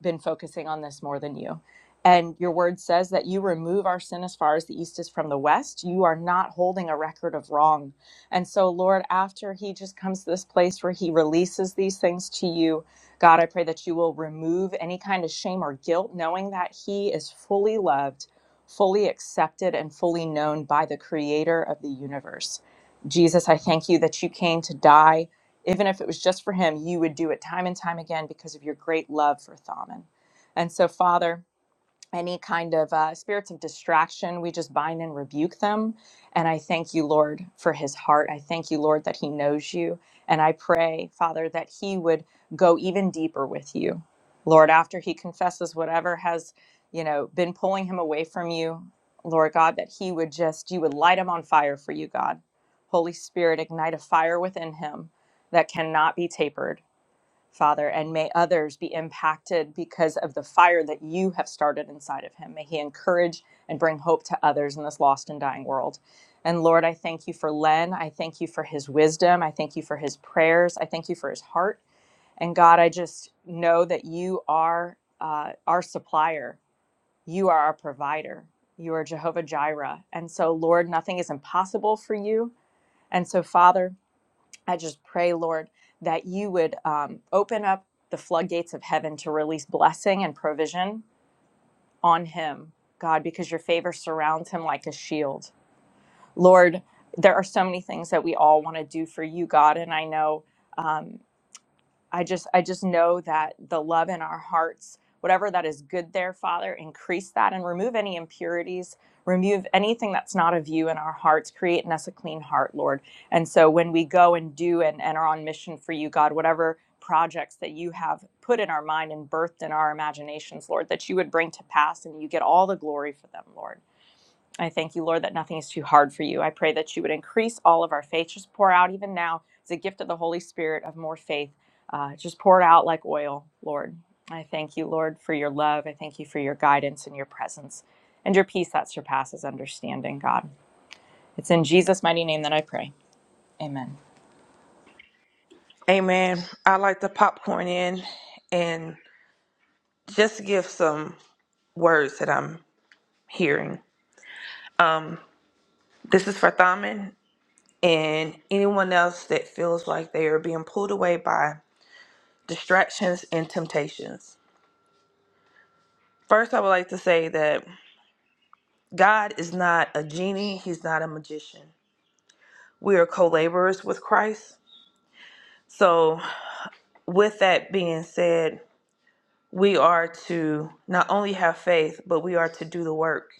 S2: been focusing on this more than you. And your word says that you remove our sin as far as the east is from the west. You are not holding a record of wrong. And so, Lord, after he just comes to this place where he releases these things to you, God, I pray that you will remove any kind of shame or guilt, knowing that he is fully loved, fully accepted, and fully known by the creator of the universe. Jesus, I thank you that you came to die. Even if it was just for him, you would do it time and time again because of your great love for Thaman. And so, Father, any kind of uh, spirits of distraction, we just bind and rebuke them. And I thank you, Lord, for his heart. I thank you, Lord, that he knows you. And I pray, Father, that he would go even deeper with you. Lord, after he confesses whatever has, you know, been pulling him away from you, Lord God, that he would just, you would light him on fire for you, God. Holy Spirit, ignite a fire within him that cannot be tapered Father, and may others be impacted because of the fire that you have started inside of him. May he encourage and bring hope to others in this lost and dying world. And Lord, I thank you for Len. I thank you for his wisdom. I thank you for his prayers. I thank you for his heart. And God, I just know that you are uh, our supplier, you are our provider, you are Jehovah Jireh. And so, Lord, nothing is impossible for you. And so, Father, I just pray, Lord, that you would um, open up the floodgates of heaven to release blessing and provision on him, God, because your favor surrounds him like a shield. Lord, there are so many things that we all want to do for you, God, and I know. Um, I just I just know that the love in our hearts, whatever that is good there, Father, increase that and remove any impurities, remove anything that's not of you in our hearts, create in us a clean heart, Lord. And so when we go and do and, and are on mission for you, God, whatever projects that you have put in our mind and birthed in our imaginations, Lord, that you would bring to pass and you get all the glory for them, Lord. I thank you, Lord, that nothing is too hard for you. I pray that you would increase all of our faith. Just pour out, even now, it's a gift of the Holy Spirit of more faith. Uh, just pour it out like oil, Lord. I thank you, Lord, for your love. I thank you for your guidance and your presence and your peace that surpasses understanding, God. It's in Jesus' mighty name that I pray. Amen.
S8: Amen. I like the popcorn in and just give some words that I'm hearing. Um, this is for Thaman and anyone else that feels like they are being pulled away by distractions and temptations. First, I would like to say that God is not a genie, He's not a magician. We are co laborers with Christ. So, with that being said, we are to not only have faith, but we are to do the work.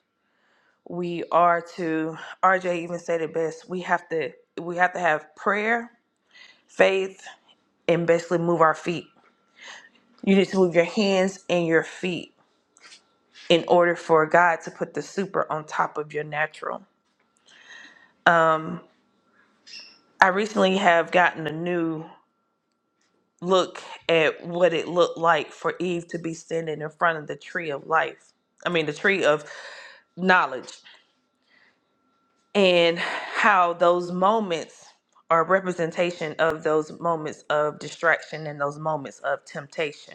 S8: We are to, RJ even said it best, we have to we have to have prayer, faith, and basically move our feet. You need to move your hands and your feet in order for God to put the super on top of your natural. I recently have gotten a new look at what it looked like for Eve to be standing in front of the tree of life. I mean, the tree of knowledge, and how those moments are a representation of those moments of distraction and those moments of temptation.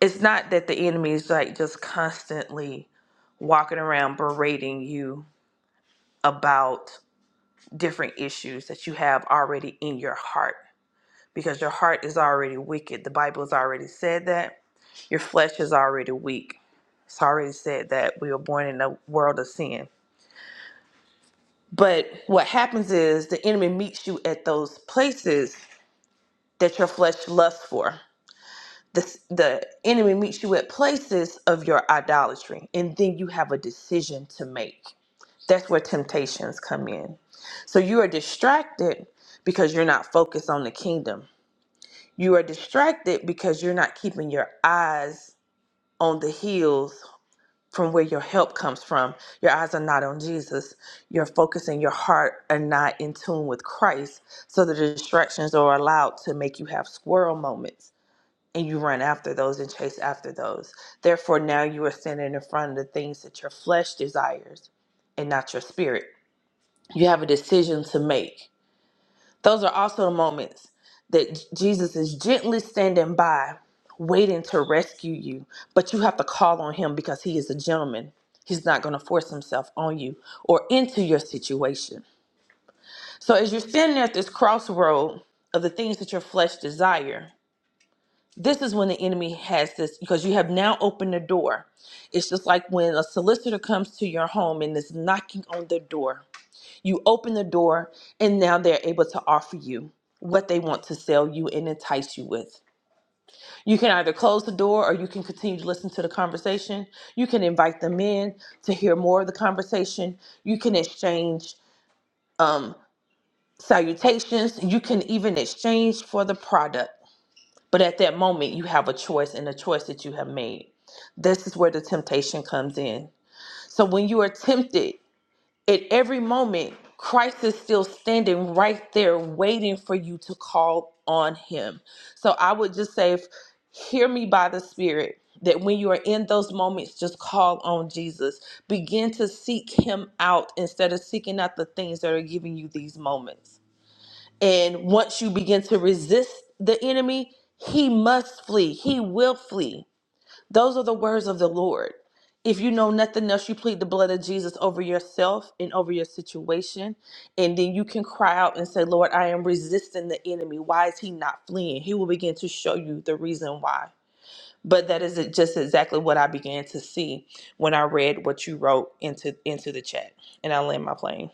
S8: It's not that the enemy is like just constantly walking around berating you about different issues that you have already in your heart because your heart is already wicked. The Bible has already said that. Your flesh is already weak. It's already said that we were born in a world of sin. But what happens is the enemy meets you at those places that your flesh lusts for. The, the enemy meets you at places of your idolatry, and then you have a decision to make. That's where temptations come in. So you are distracted because you're not focused on the kingdom You are distracted because you're not keeping your eyes on the hills from where your help comes from. Your eyes are not on Jesus. You're focusing your heart and not in tune with Christ. So the distractions are allowed to make you have squirrel moments and you run after those and chase after those. Therefore, now you are standing in front of the things that your flesh desires and not your spirit. You have a decision to make those are also the moments that J- Jesus is gently standing by, waiting to rescue you. But you have to call on him because he is a gentleman. He's not going to force himself on you or into your situation. So, as you're standing at this crossroad of the things that your flesh desire, this is when the enemy has this because you have now opened the door. It's just like when a solicitor comes to your home and is knocking on the door you open the door, and now they're able to offer you what they want to sell you and entice you with. You can either close the door or you can continue to listen to the conversation. You can invite them in to hear more of the conversation. You can exchange um, salutations. You can even exchange for the product. But at that moment, you have a choice and a choice that you have made. This is where the temptation comes in. So when you are tempted, At every moment, Christ is still standing right there waiting for you to call on him. So I would just say, if, hear me by the Spirit, that when you are in those moments, just call on Jesus. Begin to seek him out instead of seeking out the things that are giving you these moments. And once you begin to resist the enemy, he must flee, he will flee. Those are the words of the Lord. If you know nothing else, you plead the blood of Jesus over yourself and over your situation. And then you can cry out and say, Lord, I am resisting the enemy. Why is he not fleeing? He will begin to show you the reason why. But that is just exactly what I began to see when I read what you wrote into into the chat. And I land my plane.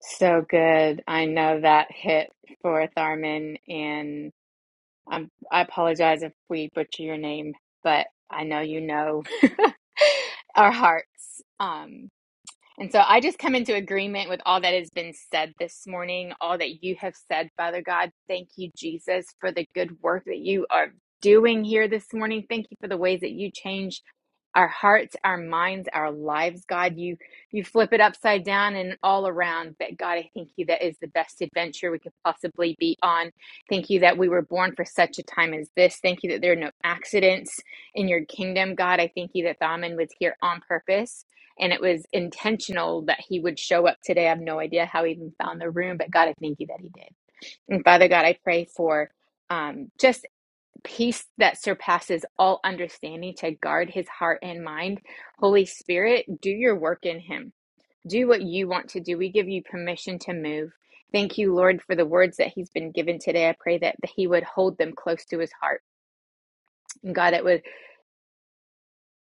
S1: So good. I know that hit for Tharman, and i I apologize if we butcher your name, but I know you know our hearts. Um, and so I just come into agreement with all that has been said this morning, all that you have said, Father God. Thank you, Jesus, for the good work that you are doing here this morning. Thank you for the ways that you change our hearts, our minds, our lives, God. You you flip it upside down and all around. But God, I thank you that is the best adventure we could possibly be on. Thank you that we were born for such a time as this. Thank you that there are no accidents in your kingdom, God. I thank you that Thaman was here on purpose and it was intentional that he would show up today. I have no idea how he even found the room, but God, I thank you that he did. And Father God, I pray for um, just peace that surpasses all understanding to guard his heart and mind. Holy Spirit, do your work in him. Do what you want to do. We give you permission to move. Thank you, Lord, for the words that he's been given today. I pray that he would hold them close to his heart. And God, it would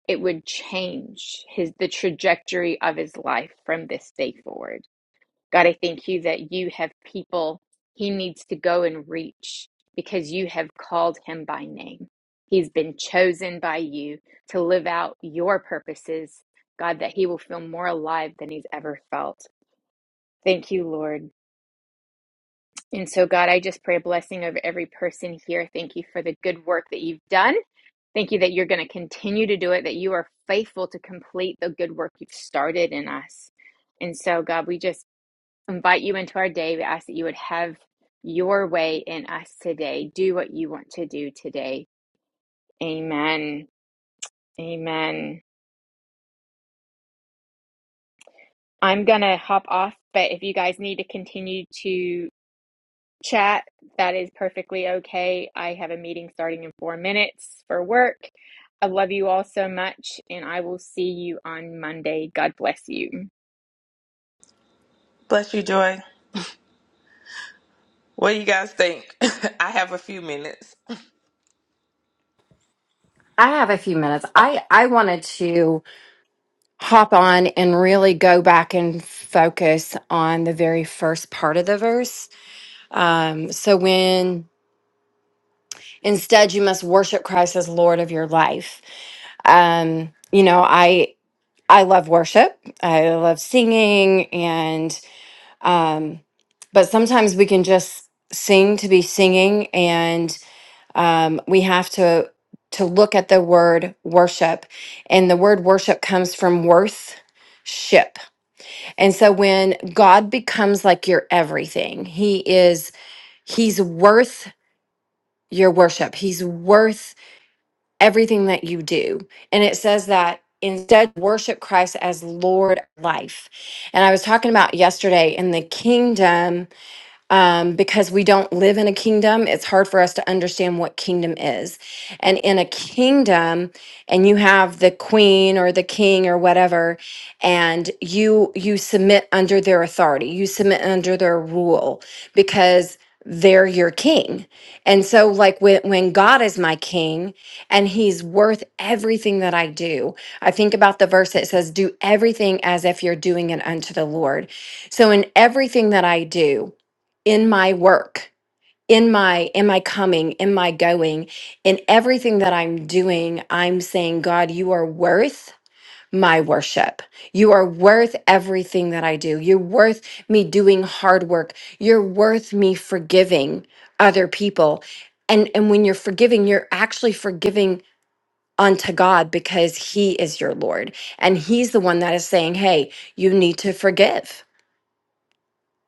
S1: it would change his the trajectory of his life from this day forward. God, I thank you that you have people he needs to go and reach because you have called him by name. He's been chosen by you to live out your purposes, God, that he will feel more alive than he's ever felt. Thank you, Lord. And so, God, I just pray a blessing over every person here. Thank you for the good work that you've done. Thank you that you're going to continue to do it, that you are faithful to complete the good work you've started in us. And so, God, we just invite you into our day. We ask that you would have your way in us today. Do what you want to do today. Amen. Amen. I'm going to hop off, but if you guys need to continue to chat, that is perfectly okay. I have a meeting starting in four minutes for work. I love you all so much, and I will see you on Monday. God bless you.
S8: Bless you, Joy. What do you guys think? I have a few minutes.
S4: I have a few minutes. I, I wanted to hop on and really go back and focus on the very first part of the verse. Um, so when instead you must worship Christ as Lord of your life. Um, you know, I I love worship. I love singing and um, but sometimes we can just sing to be singing um, we have to to look at the word worship and the word worship comes from worth ship and so when god becomes like your everything he is he's worth your worship he's worth everything that you do and it says that instead worship christ as lord of life and i was talking about yesterday in the kingdom um, because we don't live in a kingdom, it's hard for us to understand what kingdom is. And in a kingdom, and you have the queen or the king or whatever, and you you submit under their authority, you submit under their rule because they're your king. And so like when, when God is my king and he's worth everything that I do, I think about the verse that says, do everything as if you're doing it unto the Lord. So in everything that I do, in my work in my am i coming am i going in everything that i'm doing i'm saying god you are worth my worship you are worth everything that i do you're worth me doing hard work you're worth me forgiving other people and and when you're forgiving you're actually forgiving unto god because he is your lord and he's the one that is saying hey you need to forgive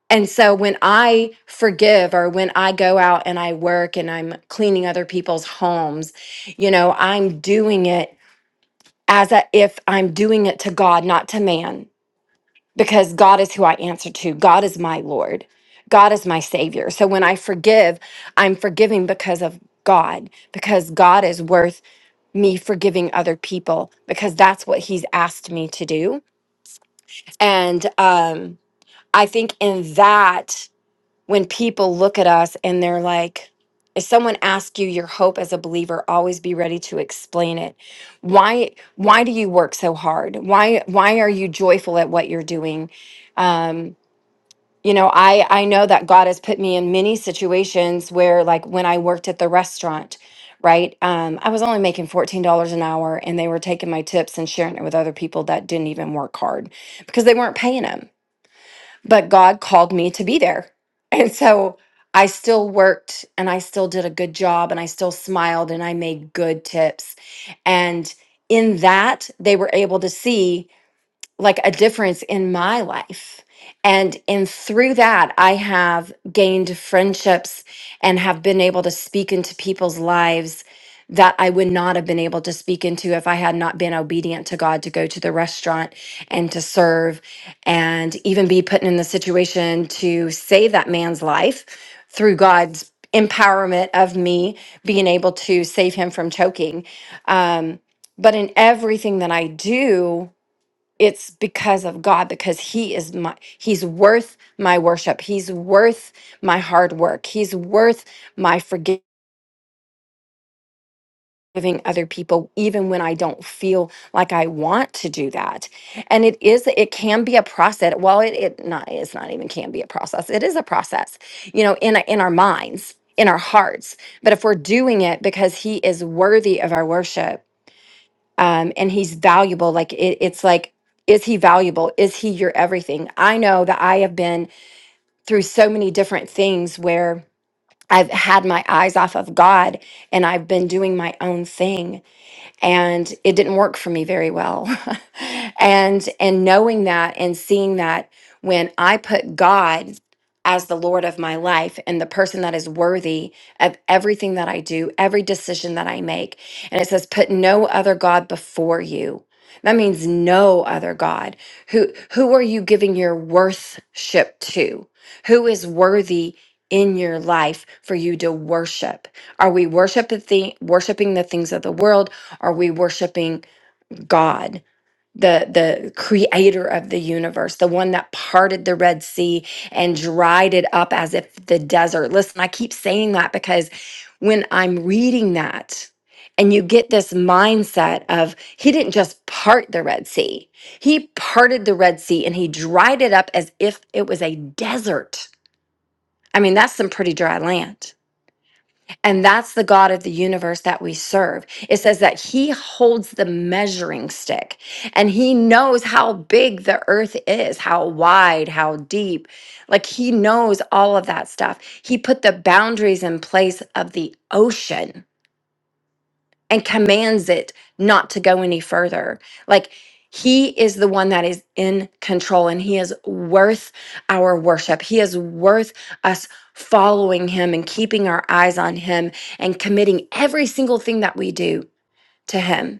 S4: and so when I forgive or when I go out and I work and I'm cleaning other people's homes, you know, I'm doing it as a, if I'm doing it to God, not to man, because God is who I answer to. God is my Lord. God is my savior. So when I forgive, I'm forgiving because of God, because God is worth me forgiving other people because that's what he's asked me to do. And um I think in that when people look at us and they're like, if someone asks you your hope as a believer, always be ready to explain it. Why why do you work so hard? Why why are you joyful at what you're doing? Um, you know, I I know that God has put me in many situations where like when I worked at the restaurant, right? Um, I was only making $14 an hour and they were taking my tips and sharing it with other people that didn't even work hard because they weren't paying them but God called me to be there. And so I still worked and I still did a good job and I still smiled and I made good tips. And in that, they were able to see like a difference in my life. And and through that I have gained friendships and have been able to speak into people's lives that I would not have been able to speak into if I had not been obedient to God to go to the restaurant and to serve and even be put in the situation to save that man's life through God's empowerment of me being able to save him from choking. Um, but in everything that I do, it's because of God because he is my he's worth my worship. He's worth my hard work. He's worth my forgiving other people even when I don't feel like I want to do that. And it is it can be a process. Well, it, it not it's not even can be a process. It is a process. You know, in in our minds, in our hearts. But if we're doing it because he is worthy of our worship, um, and he's valuable. Like it, it's like, is he valuable? Is he your everything? I know that I have been through so many different things where I've had my eyes off of God and I've been doing my own thing and it didn't work for me very well and and knowing that and seeing that when i put god as the lord of my life and the person that is worthy of everything that i do every decision that i make and it says put no other god before you that means no other god who who are you giving your worship to who is worthy in your life for you to worship are we worship the thi- worshiping the things of the world are we worshiping God, the the creator of the universe, the one that parted the Red Sea and dried it up as if the desert? Listen, I keep saying that because when I'm reading that and you get this mindset of he didn't just part the Red Sea. He parted the Red Sea and he dried it up as if it was a desert. I mean, that's some pretty dry land. And that's the God of the universe that we serve. It says that he holds the measuring stick and he knows how big the earth is, how wide, how deep. Like he knows all of that stuff. He put the boundaries in place of the ocean and commands it not to go any further. Like he is the one that is in control and he is worth our worship. He is worth us following him and keeping our eyes on him and committing every single thing that we do to him.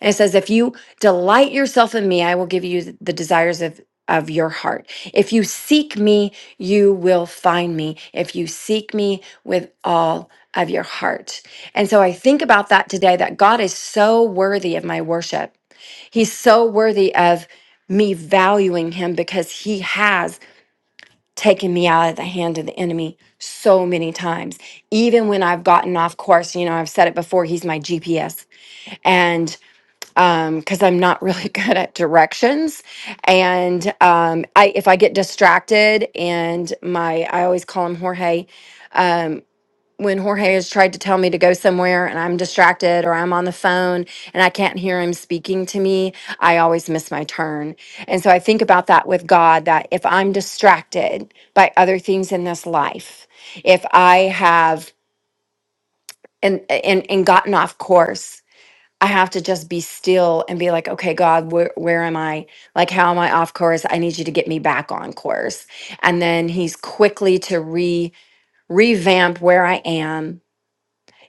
S4: And it says, if you delight yourself in me, I will give you the desires of, of your heart. If you seek me, you will find me. If you seek me with all of your heart. And so I think about that today that God is so worthy of my worship. He's so worthy of me valuing him because he has taken me out of the hand of the enemy so many times. Even when I've gotten off course, you know, I've said it before, he's my GPS. and um because I'm not really good at directions. And um, I, if I get distracted, and my, I always call him Jorge. Um, when Jorge has tried to tell me to go somewhere and I'm distracted or I'm on the phone and I can't hear him speaking to me, I always miss my turn. And so I think about that with God that if I'm distracted by other things in this life, if I have and and, and gotten off course I have to just be still and be like, okay, God, where where am I? Like, how am I off course? I need you to get me back on course. And then he's quickly to re revamp where I am,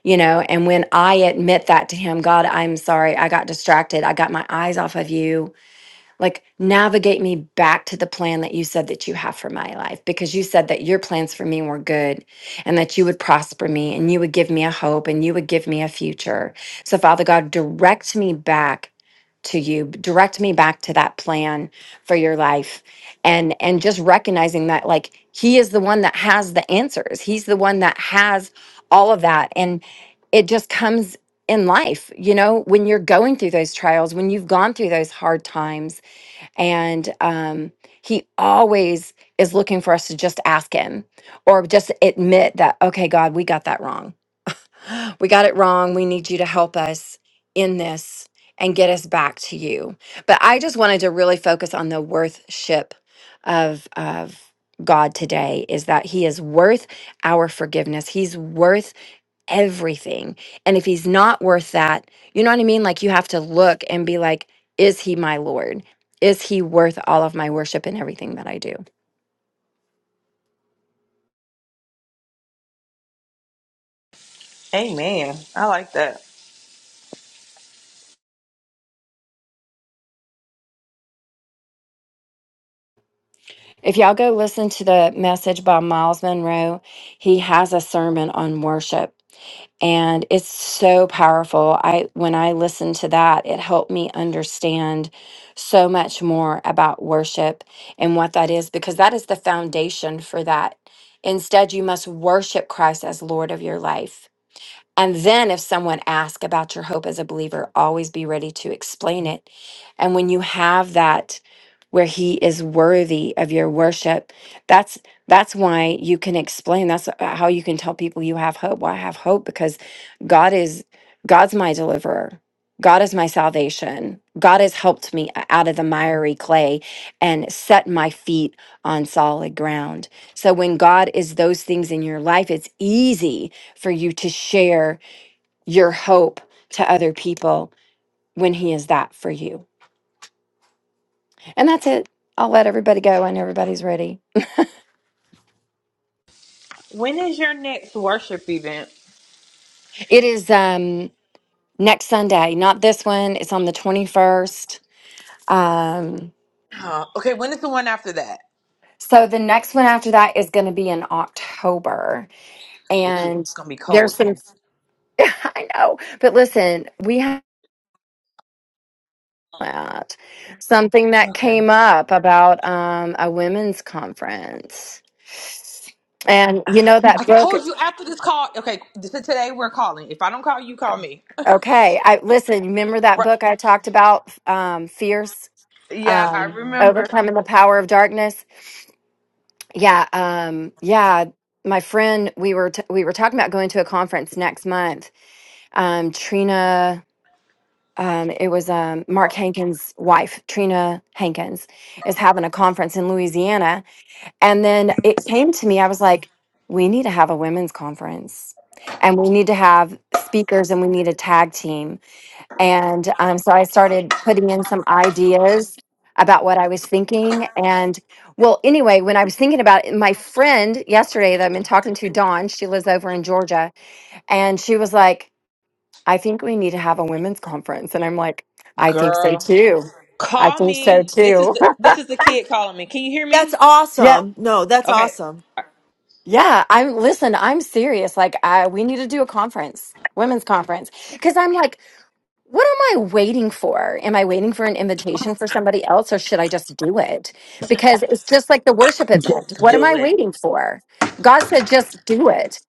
S4: you know, and when I admit that to him, God, I'm sorry, I got distracted. I got my eyes off of you. Like, navigate me back to the plan that you said that you have for my life, because you said that your plans for me were good and that you would prosper me and you would give me a hope and you would give me a future. So, Father God, direct me back to you direct me back to that plan for your life and and just recognizing that like he is the one that has the answers he's the one that has all of that and it just comes in life you know when you're going through those trials when you've gone through those hard times and um he always is looking for us to just ask him or just admit that okay god we got that wrong we got it wrong. We need you to help us in this and get us back to you. But I just wanted to really focus on the worthship of of God today is that he is worth our forgiveness. He's worth everything. And if he's not worth that, you know what I mean? Like you have to look and be like, is he my Lord? Is he worth all of my worship and everything that I do?
S8: Amen. I like that.
S4: If y'all go listen to the message by Miles Monroe, he has a sermon on worship and it's so powerful i when i listened to that it helped me understand so much more about worship and what that is because that is the foundation for that instead you must worship christ as lord of your life and then if someone asks about your hope as a believer, always be ready to explain it. And when you have that where he is worthy of your worship, that's that's why you can explain. That's how you can tell people you have hope. Well, I have hope because God is God's my deliverer. God is my salvation. God has helped me out of the miry clay and set my feet on solid ground. So when God is those things in your life, it's easy for you to share your hope to other people when he is that for you. And that's it. I'll let everybody go when everybody's ready.
S8: When is your next worship event?
S4: It is um next Sunday, not this one. It's on the 21st. Um
S8: Uh, okay, when is the one after that?
S4: so the next one after that is going to be in October
S8: Ooh,
S4: and
S8: it's gonna be
S4: there's
S8: cold
S4: some
S8: then.
S4: I know. But listen, we have that. Something that
S8: Okay.
S4: came up about um, a women's conference. And you know
S8: I
S4: that book.
S8: told you after this call. Okay, this is today we're calling. If I don't call you, call me.
S4: Okay, I listen. You Remember that
S8: Right.
S4: book I talked about, um, "Fierce,"
S8: Yeah, I
S4: um,
S8: remember.
S4: overcoming the power of darkness. Yeah, um, yeah. My friend, we were t- we were talking about going to a conference next month. Um, Trina, um, it was um, Mark Hankins' wife, Trina Hankins, is having a conference in Louisiana, And then it came to me, I was like, we need to have a women's conference and we need to have speakers and we need a tag team. And um, so I started putting in some ideas about what I was thinking. And well, anyway, when I was thinking about it, my friend yesterday that I've been talking to, Dawn, she lives over in Georgia, and she was like, I think we need to have a women's conference. And I'm like, I think so
S8: Girl,
S4: too. I
S8: call
S4: think so
S8: me. This is
S4: too.
S8: the this is the kid calling me. Can you hear
S5: that's
S8: me?
S5: awesome no that's
S8: Okay.
S5: awesome
S4: Yeah, I'm listen, I'm serious. Like I we need to do a conference, women's conference. Cause I'm like, what am I waiting for? Am I waiting for an invitation for somebody else or should I just do it? Because it's just like the worship event.
S8: Just
S4: What am
S8: do
S4: I
S8: it.
S4: waiting for? God said just do it.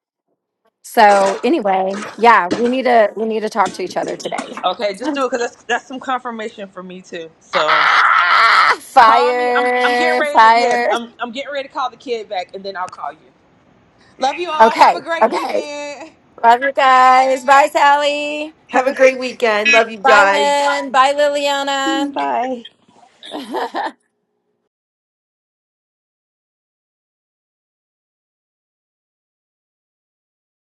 S4: So anyway, yeah, we need to we need to talk to each other today.
S8: Okay, just do it because that's that's some confirmation for me too. So
S4: Ah,
S8: call me. I'm I'm getting
S4: fire,
S8: ready to yes.
S4: fire.
S8: I'm I'm getting ready to call the kid back and then I'll call you. Love you all. Have a
S4: Okay,
S8: great
S4: okay.
S8: weekend.
S4: Love you guys. Bye, Sally.
S3: Have
S5: have a
S3: a great
S5: great weekend love you
S4: Bye,
S5: guys
S4: Lynn. Bye,
S3: weekend.
S4: Liliana.
S3: Bye.